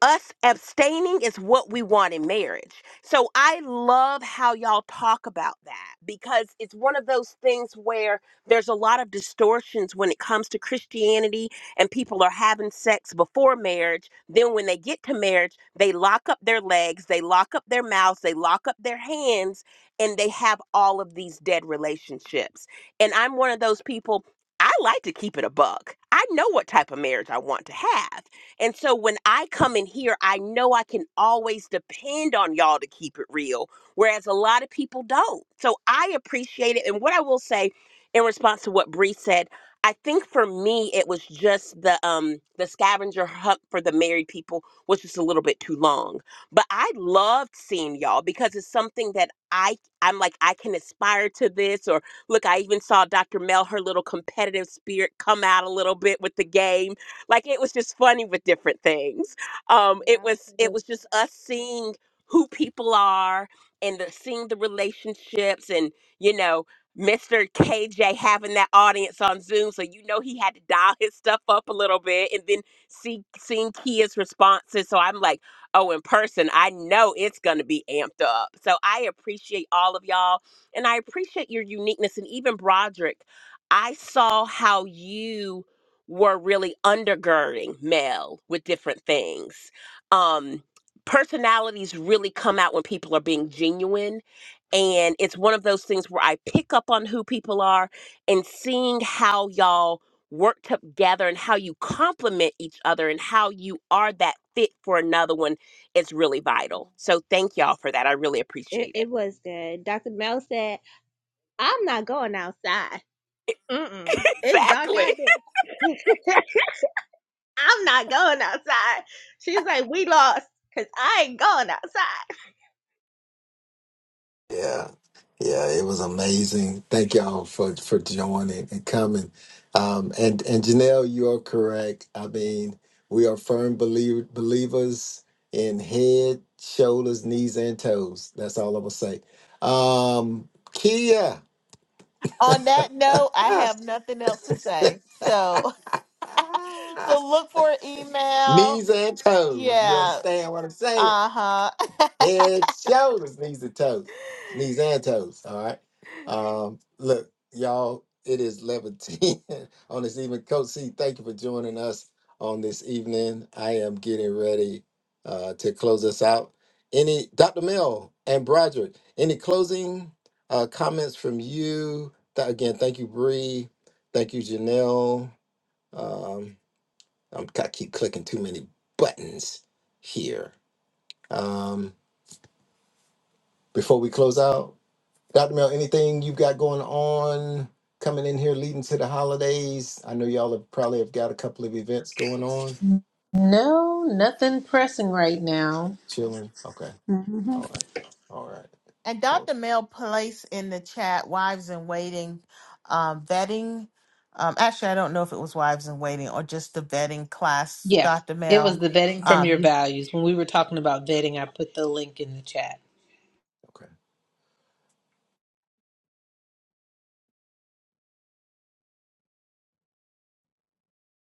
F: us abstaining is what we want in marriage. So I love how y'all talk about that because it's one of those things where there's a lot of distortions when it comes to Christianity and people are having sex before marriage. Then when they get to marriage, they lock up their legs, they lock up their mouths, they lock up their hands, and they have all of these dead relationships. And I'm one of those people, I like to keep it a buck. I know what type of marriage I want to have. And so when I come in here, I know I can always depend on y'all to keep it real, whereas a lot of people don't. So I appreciate it. And what I will say in response to what Bree said, I think for me it was just the um the scavenger hunt for the married people was just a little bit too long. But I loved seeing y'all because it's something that I I'm like I can aspire to this or look I even saw Dr. Mel her little competitive spirit come out a little bit with the game like it was just funny with different things um it
G: Yeah,
F: was
G: it
F: it
G: was
F: was
G: good.
F: just us seeing who people are and the, seeing the relationships and you know Mr. KJ having that audience on Zoom, so you know he had to dial his stuff up a little bit, and then see seeing Kia's responses. So I'm like, oh, in person, I know it's gonna be amped up. So I appreciate all of y'all, and I appreciate your uniqueness, and even Broderick. I saw how you were really undergirding male with different things. Um, personalities really come out when people are being genuine. And it's one of those things where I pick up on who people are and seeing how y'all work together and how you complement each other and how you are that fit for another one is really vital. So thank y'all for that. I really
G: Yeah. It,
F: appreciate
G: it
F: it.
G: was good. Dr. Mel said, I'm not going outside. Mm-mm.
F: *laughs*
G: It's dark
F: exactly.
G: out there. *laughs* I'm not going outside. She's like, we lost because I ain't going outside.
A: Yeah. Yeah, it was amazing. Thank y'all for for joining and coming. Um and and Janelle, you are correct. I mean, we are firm believ believers in head, shoulders, knees, and toes. That's all I'm gonna say. Um Kia.
B: On that note, I have nothing else to say. So *laughs*
A: *laughs*
B: so look for an email.
A: knees and toes. You
B: Yeah.
A: understand what I'm saying?
B: Uh-huh. *laughs*
A: Head, shoulders, knees and toes, knees and toes. All right. Um, look, y'all, it is 11:10 *laughs* on this evening. Coach C, thank you for joining us on this evening. I am getting ready uh, to close us out. Any Dr. Mel and Broderick, any closing uh, comments from you? Th- again, thank you, Bree. Thank you, Janelle. Um, I'm, I keep clicking too many buttons here. Um, before we close out, Dr. Mel, anything you've got going on coming in here leading to the holidays? I know y'all have probably have got a couple of events going on.
C: No, nothing pressing right now.
A: Chilling. Okay.
C: Mhm.
A: All right. All right.
B: And
A: No,
B: Dr. Mel placed in the chat wives in waiting um, vetting. Um, actually, I don't know if it was wives in waiting or just the vetting class.
C: Yeah.
B: Dr.
C: It was
B: Mel,
C: the vetting from your
B: um,
C: values. When we were talking about vetting, I put the link in the chat.
A: Okay.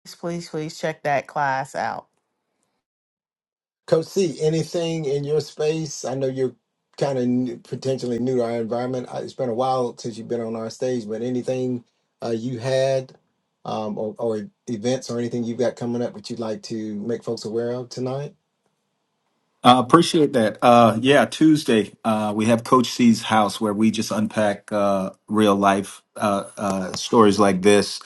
B: please, please, please check that class out.
A: Coach C, anything in your space? I know you're kind of new, potentially new to our environment. Uh, It's been a while since you've been on our stage, but anything uh, you had um, or, or events or anything you've got coming up that you'd like to make folks aware of tonight?
E: Uh, appreciate that. Uh, yeah, Tuesday uh, we have Coach C's house where we just unpack uh, real life uh, uh, stories like this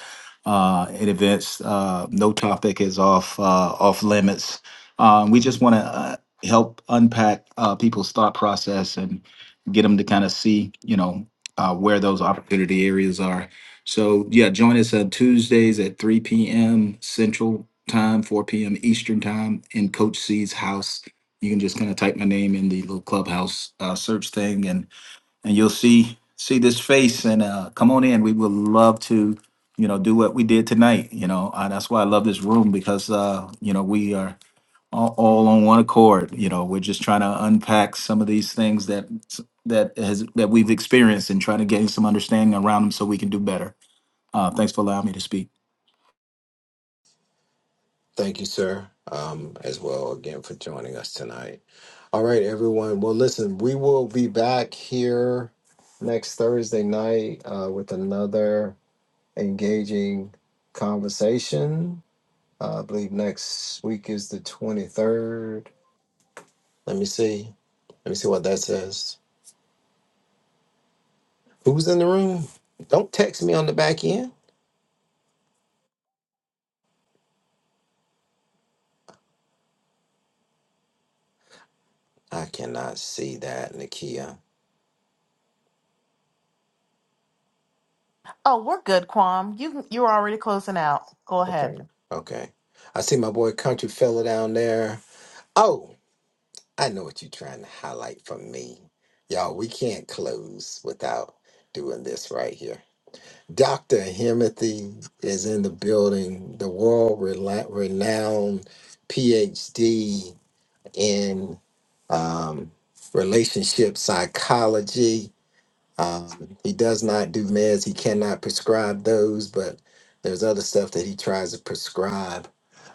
E: uh, in events. Uh, no topic is off uh, off limits. Um, we just want to uh, help unpack uh, people's thought process and get them to kind of see, you know, uh, where those opportunity areas are. So yeah, join us on Tuesdays at 3 p.m. Central Time, 4 p.m. Eastern Time in Coach C's house you can just kind of type my name in the little clubhouse uh, search thing and and you'll see see this face and uh, come on in we would love to you know do what we did tonight you know uh, that's why i love this room because uh, you know we are all, all on one accord you know we're just trying to unpack some of these things that that has that we've experienced and try to gain some understanding around them so we can do better uh, thanks for allowing me to speak
A: Thank you, sir, um, as well again for joining us tonight. All right, everyone. Well, listen, we will be back here. Next Thursday night uh, with another engaging conversation. Uh, I believe next week is the 23rd. Let me see. Let me see what that says. Who's in the room? Don't text me on the back end. I cannot see that, Nakia.
B: Oh, we're good, Quam. You you're already closing out. Go ahead.
A: Okay. Okay. I see my boy Country Fella down there. Oh, I know what you're trying to highlight for me. Y'all, we can't close without doing this right here. Dr. Himothy is in the building, the world rela- renowned PhD in um, relationship psychology. Um, he does not do meds. He cannot prescribe those, but there's other stuff that he tries to prescribe.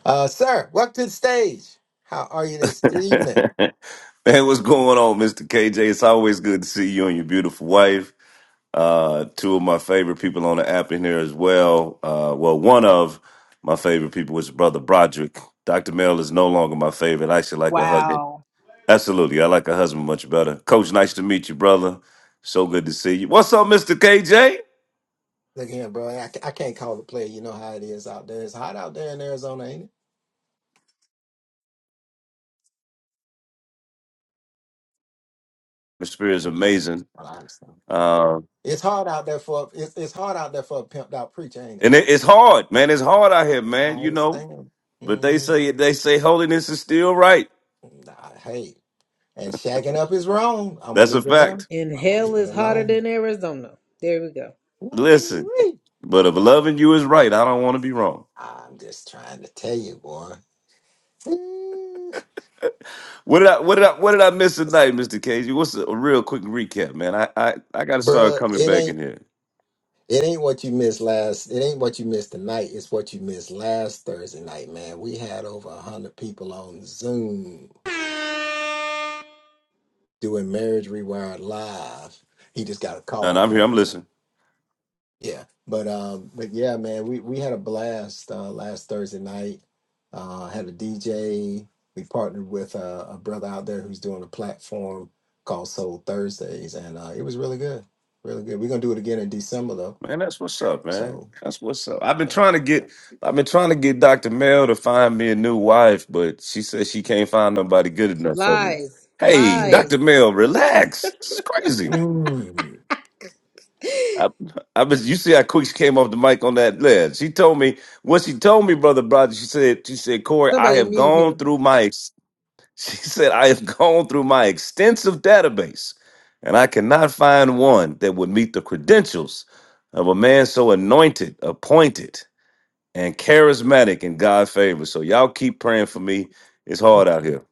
A: Uh, sir, welcome to the stage. How are you this
H: *laughs*
A: evening?
H: Man, what's going on, Mr. KJ? It's always good to see you and your beautiful wife. Uh, two of my favorite people on the app in here as well. Uh, well, one of my favorite people is Brother Broderick. Dr. Mel is no longer my favorite. I actually like a husband.
C: Wow.
H: Absolutely. I like a husband much better. Coach, nice to meet you, brother. So good to see you. What's up, Mr. KJ?
A: Look here, bro. I, ca- I can't call the play. You know how it is out there. It's hot out there in Arizona, ain't
H: The spirit is
A: it?
H: amazing.
A: Well, I understand.
H: Uh,
A: It's hard out there for a- it's, it's hard out there for a pimped out preacher, ain't it?
H: and it, it's hard, man. It's hard out here,
A: I
H: man, you know.
A: understand.
H: But they
A: Mm-hmm.
H: say they say holiness is still right.
A: Nah, hey, And shacking up is wrong. I'm gonna
H: That's a
A: leave it alone.
H: fact.
C: And
A: I'm gonna
C: hell
A: leave it
C: is hotter
A: alone.
C: than Arizona. There we go.
H: Listen,
A: Ooh-wee.
H: but if loving you is right, I don't want to be wrong.
A: I'm just trying to tell you, boy. Ooh.
H: What did I what did I what did I miss tonight, Mr. Casey? What's a, a real quick recap, man? I I, I gotta start
A: Bruh,
H: coming
A: it
H: back in
A: ain't
H: here.
A: it ain't what you missed last. It ain't what you missed tonight. It's what you missed last Thursday night, man. We had over a hundred people on Zoom doing Marriage Rewired live. He just got a
H: No, no,
A: call
H: I'm here, I'm
A: coming in.
H: listening.
A: Yeah, but um, but yeah, man, we we had a blast uh, last Thursday night. Uh, had a DJ. We partnered with a, a brother out there who's doing a platform called Soul Thursdays, and uh, it was really good, really good. We're gonna do it again in December though.
H: Man, that's what's up, man.
A: So
H: That's what's up. I've been
A: yeah,
H: trying to
A: yeah.
H: get I've been trying to get Dr. Mel to find me a new wife, but she says she can't find nobody good enough for me.
C: Lies.
H: Hey,
A: Mm,
C: Lies.
H: Dr. Mel, relax. This is crazy.
A: mm,
H: I, I was. You see how quick she came off the mic on that led. She told me what she told me, brother, brother. She said, she said, Corey, I
C: Somebody
H: have
C: mute
H: gone
C: him.
H: through my. ex- *laughs* She said, I have gone through my extensive database, and I cannot find one that would meet the credentials of a man so anointed, appointed, and charismatic in God's favor. So y'all keep praying for me. It's hard
A: mm.
H: out here.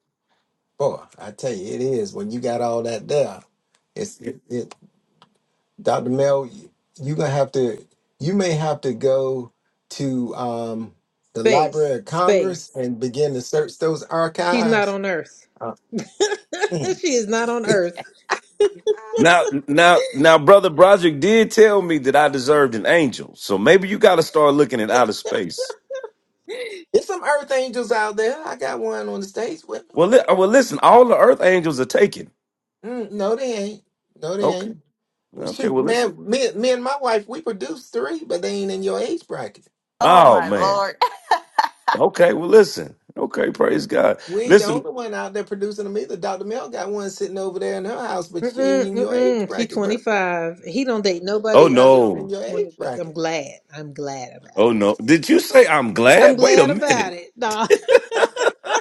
A: boy, I tell you, it is when you got all that there. It's it, Dr. Mel, you're gonna have to you may have to go to um the
C: Space.
A: Library of Congress
C: Space.
A: and begin to search those
C: She's not
A: archives.
C: on earth.
A: Uh, mm.
C: *laughs* she is not on earth.
H: Now, now, now, brother Broderick did tell me that I deserved an angel. So maybe you got to start looking at outer space.
A: There's some earth angels out there. I got one on the stage with
H: Well, li- well, listen, all the earth angels are taken.
A: me. Mm, no, they ain't. No, they
H: Okay,
A: ain't. Well,
H: okay.
A: Shoot,
H: Well, listen.
A: man, me, me and my wife, we produced three, but they ain't in your age bracket.
B: Oh
H: Oh
B: my
H: man.
B: lord!
H: Okay. Well, listen. Okay. Praise God.
A: We ain't the
H: Listen.
A: only one out there producing them either. Dr. Mel got one sitting over there in her house, but she ain't
C: Mm-mm,
A: in your age
C: mm-mm. She
A: bracket, bro.
C: 25. He don't date
H: Oh
C: nobody
A: See, she
C: under
A: ain't in
H: no.
A: your age
C: 20. But I'm
A: bracket.
C: glad. I'm glad about
H: Oh
C: it.
H: no. Did you say I'm
C: I'm
H: glad? Wait a
C: glad about
H: minute.
C: it. No.
H: *laughs*
C: *laughs*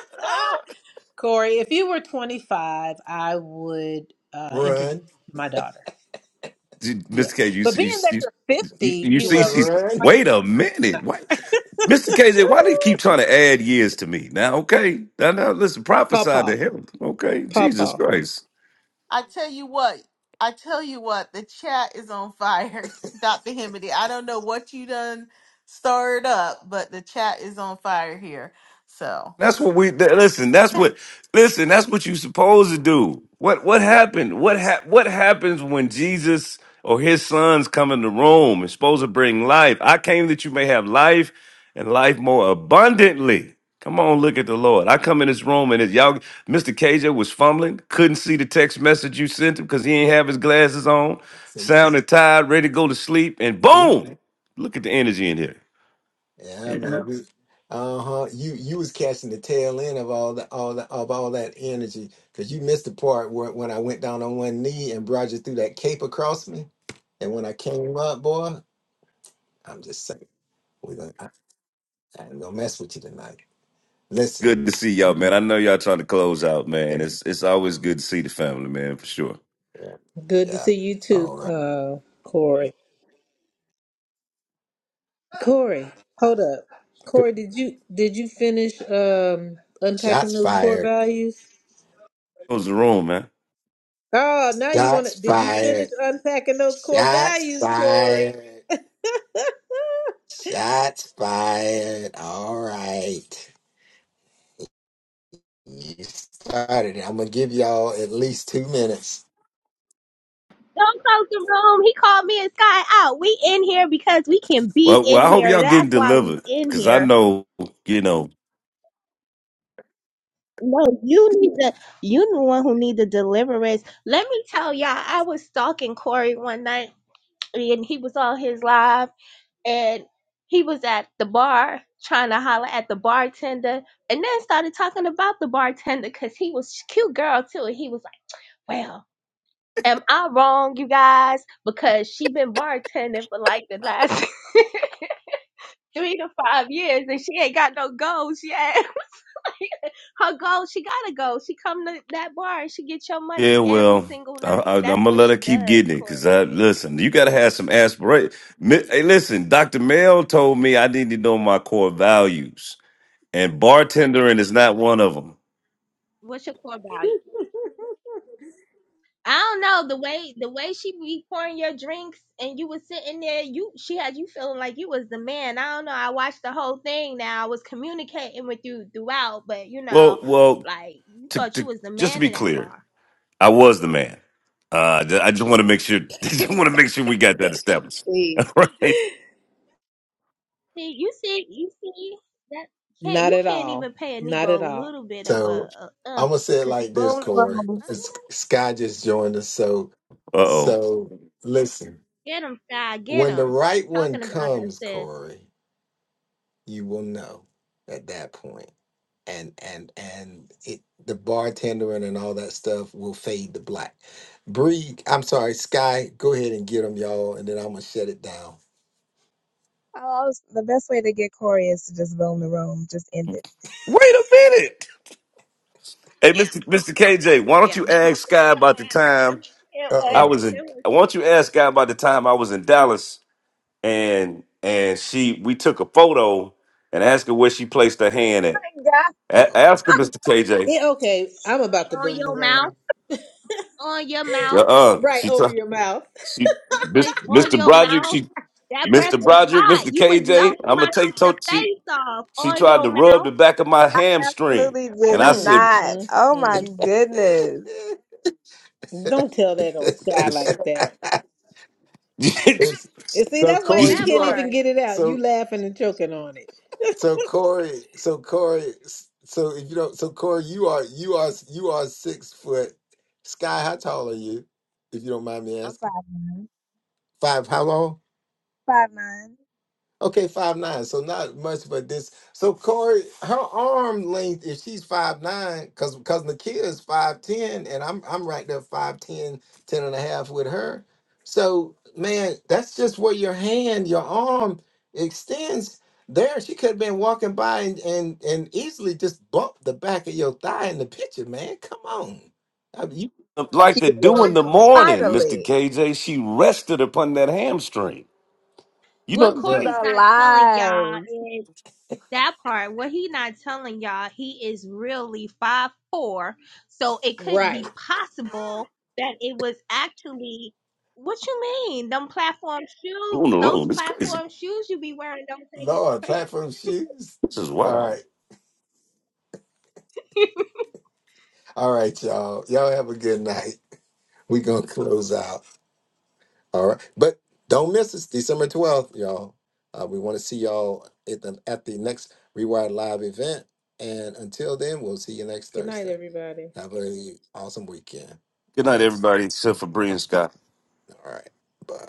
C: Corey, if you were 25, I would uh, introduce
A: Run.
C: you to my daughter.
H: Did-
C: Yeah.
H: Miss K, you
C: But
H: see, you,
C: being that
H: see-
C: you're
H: you,
C: 50,
H: you
C: you
A: You
H: see,
A: went
C: know,
H: she's.
C: you're
A: run.
C: twice
H: Wait
C: her
H: a
C: age.
H: minute. Wait. Mr. KJ, why do you
C: No.
H: keep trying to add years to me? Now, okay. Now, now listen,
C: *laughs* Paw
H: prophesy
C: paw.
H: to him. Okay.
C: Paw
H: Jesus
C: paw.
H: Christ.
B: *laughs* I tell you what. I tell you what. The chat is on fire, *laughs* Dr. Hemedy. I don't know what you done stirred up, but the chat is on fire here. So.
H: That's what we that, listen. That's what
B: *laughs*
H: listen. That's what you supposed to do. What what happened? What hap what happens when Jesus or his sons come into Rome and supposed to bring life? I came that you may have life and life more abundantly. Come on, look at the Lord. I come in this room and it's y'all. Mr. KJ was fumbling, couldn't see the text message you sent him because he didn't have his glasses on.
A: See,
H: Sounded tired, ready to go to sleep, and
A: see,
H: boom! Look at the energy in
A: yeah, man.
H: here.
A: We, uh huh. You you was catching the tail end of all the all the of all that energy because you missed the part where when I went down on one knee and brought you through that cape across me, and when I came up, boy, I'm just saying we gonna I, I ain't gonna mess with you tonight. Listen,
H: Good to see y'all, man.
A: man.
H: I know y'all trying to close out,
A: yeah,
H: man. It's it's always good to see the family, man, for sure.
A: yeah. all right.
C: Corey. Hold, Corey, did you finish um
A: Shots fired.
C: unfused?
H: Close the room, man.
C: Oh, now you want
A: Shots
C: to. Did you finish
A: fired.
C: unpacking those core
A: Shots
C: values, Corey?
A: fired. Shots fired. All right. You started it. I'm gonna give y'all at least two minutes.
G: Don't close the room. He called me and Sky out. We in here because we can be
H: Well,
G: in
H: well, I hope
G: here.
H: y'all getting
G: That's why we
H: delivered
G: in
H: because I
G: here.
H: know, you know,
G: No, you need the you the one who need the deliverance. Let me tell y'all, I was stalking Corey one night and he was on his live and he was at the bar trying to holler at the bartender and then started talking about the bartender because he was a cute girl too and he was like well am i wrong you guys because she been bartending for like the last *laughs* three to five years and she ain't got no goals yet *laughs* her goal she gotta go she come to that bar and she get your money
H: yeah.
G: every
H: Well,
G: single
H: I, I,
G: night
H: I'm
G: that's
H: gonna
G: what
H: let
G: she
H: her keep
G: does
H: getting it because
G: corey
H: I listen. You gotta have some aspiration. Hey, listen, Doctor Mel told me I need to know my core values, and bartendering is not one of them.
G: what's your core value I don't know the way the way she be pouring your drinks and you was sitting there. You she had you feeling like you was the man. I don't know. I watched the whole thing. Now I was communicating with you throughout, but you know,
H: Well, well,
G: like you
H: to,
G: thought you
H: to
G: was the
H: just to
G: man
H: be
G: in that
H: clear,
G: bar.
H: I was the man. Uh, I just want to make sure. *laughs* I Just want to make sure we got that established.
C: See.
H: *laughs* All right.
G: See, you see, you see that can't
C: Not
G: you
C: at
G: can't
C: all.
G: even pay a
C: Not
G: Negro a
C: at all.
G: little bit of
A: So
G: a, a uh,
A: I'm gonna say it
G: cause he
A: like this,
G: go
I: Boom
G: ahead.
I: the
A: Corey.
I: room.
G: Oh,
A: It's- Sky just joined us. So
H: Uh oh.
A: so listen,
G: you know, get him, sky, get
A: when the
G: him. You
A: right one
G: talking about us,
A: comes,
G: sis?
A: Corey, you will know at that point. And and and it the bartender and, and all that stuff will fade to black. Bree, I'm sorry, Sky, go ahead and get them, y'all, and then I'm gonna shut it down.
I: I always, the best way to get Corey is to just boom the room, just end it.
H: Wait a minute. Hey, Mister Mister KJ, why don't
G: Yeah,
H: you
G: boo. *laughs*
H: ask Sky about the time
G: it
A: Uh
G: was
H: I
A: oh.
H: was
G: it
H: in?
G: was
H: Why don't you ask Sky about the time I was in Dallas and and she we took a photo and ask her where she placed her hand at.
I: Thank God.
H: A- ask her, Mister KJ.
C: Yeah, okay, I'm about to
G: on
C: boom the
G: your mouth,
C: room.
G: on your
H: Uh,
G: mouth.
H: uh
C: Right
H: she t-
C: over your mouth.
H: she
G: he placed on
H: Mister
G: your
H: Broderick.
G: mouth,
H: She.
G: that breath
H: Mr.
G: was
H: Broderick,
G: hot.
H: Mr.
G: You was melting
H: KJ, I'm gonna
G: my
H: take to-
G: sister
H: she
G: face off
H: she
G: on
H: tried
G: your
H: to rub the
G: mouth.
H: back of my hamstring, and I
C: Mm,
H: said,
C: mm, mm.
A: Uh
C: Don't tell that on Sky
H: it's,
C: like that.
A: oh. *laughs*
H: *laughs* you-
A: It's,
C: And see,
A: so
C: that's why
A: Corey,
C: you
G: That
A: you
C: can't
A: are
C: even
G: part.
C: get it out. You
A: so
C: laughing and choking on it.
A: so
C: *laughs*
A: Corey, so Corey, so if you don't, so Corey, you are you are you are six foot. Sky, how tall are you? If you don't mind me
I: I'm
A: asking,
I: five nine.
A: five. How long?
I: Five nine.
A: Okay, five nine. So not much, but this. So Corey, her arm length, if she's five nine, because because Nakia is five ten, and I'm I'm right there five ten, ten and a half with her. So man, that's just where your hand, your arm extends. There, she could have been walking by and and and easily just bumped the back of your thigh in the picture, man. Come on, I mean, you,
I: Thank
H: like they do in
I: you.
H: the morning, Mr.
I: Finally.
H: KJ." She rested upon that hamstring. You
G: What
H: know,
G: Corey's
A: bruh.
I: The
G: not telling y'all
I: lies.
G: is that part. What he not telling y'all, he is really five four. So it could be
C: Right.
G: possible that it was actually what you mean? Them platform shoes,
H: on the
G: those
H: room, it's crazy.
G: platform shoes you be wearing don't say
A: Lord,
G: it. *laughs*
A: platform shoes.
H: This is
A: All
H: wild.
A: right, all right, y'all. Y'all have a good night. We're gonna *laughs* close out. All right. But don't miss us, December 12th, y'all. Uh, we want to see y'all at the at the next Rewired Live event. And until then, we'll see you next
C: Good night,
A: Thursday.
C: everybody.
A: Have a awesome weekend.
H: Good
A: All
H: night,
A: right.
H: everybody, except for Bree
A: Bye-bye.
H: and Scott.
A: All right. Bye.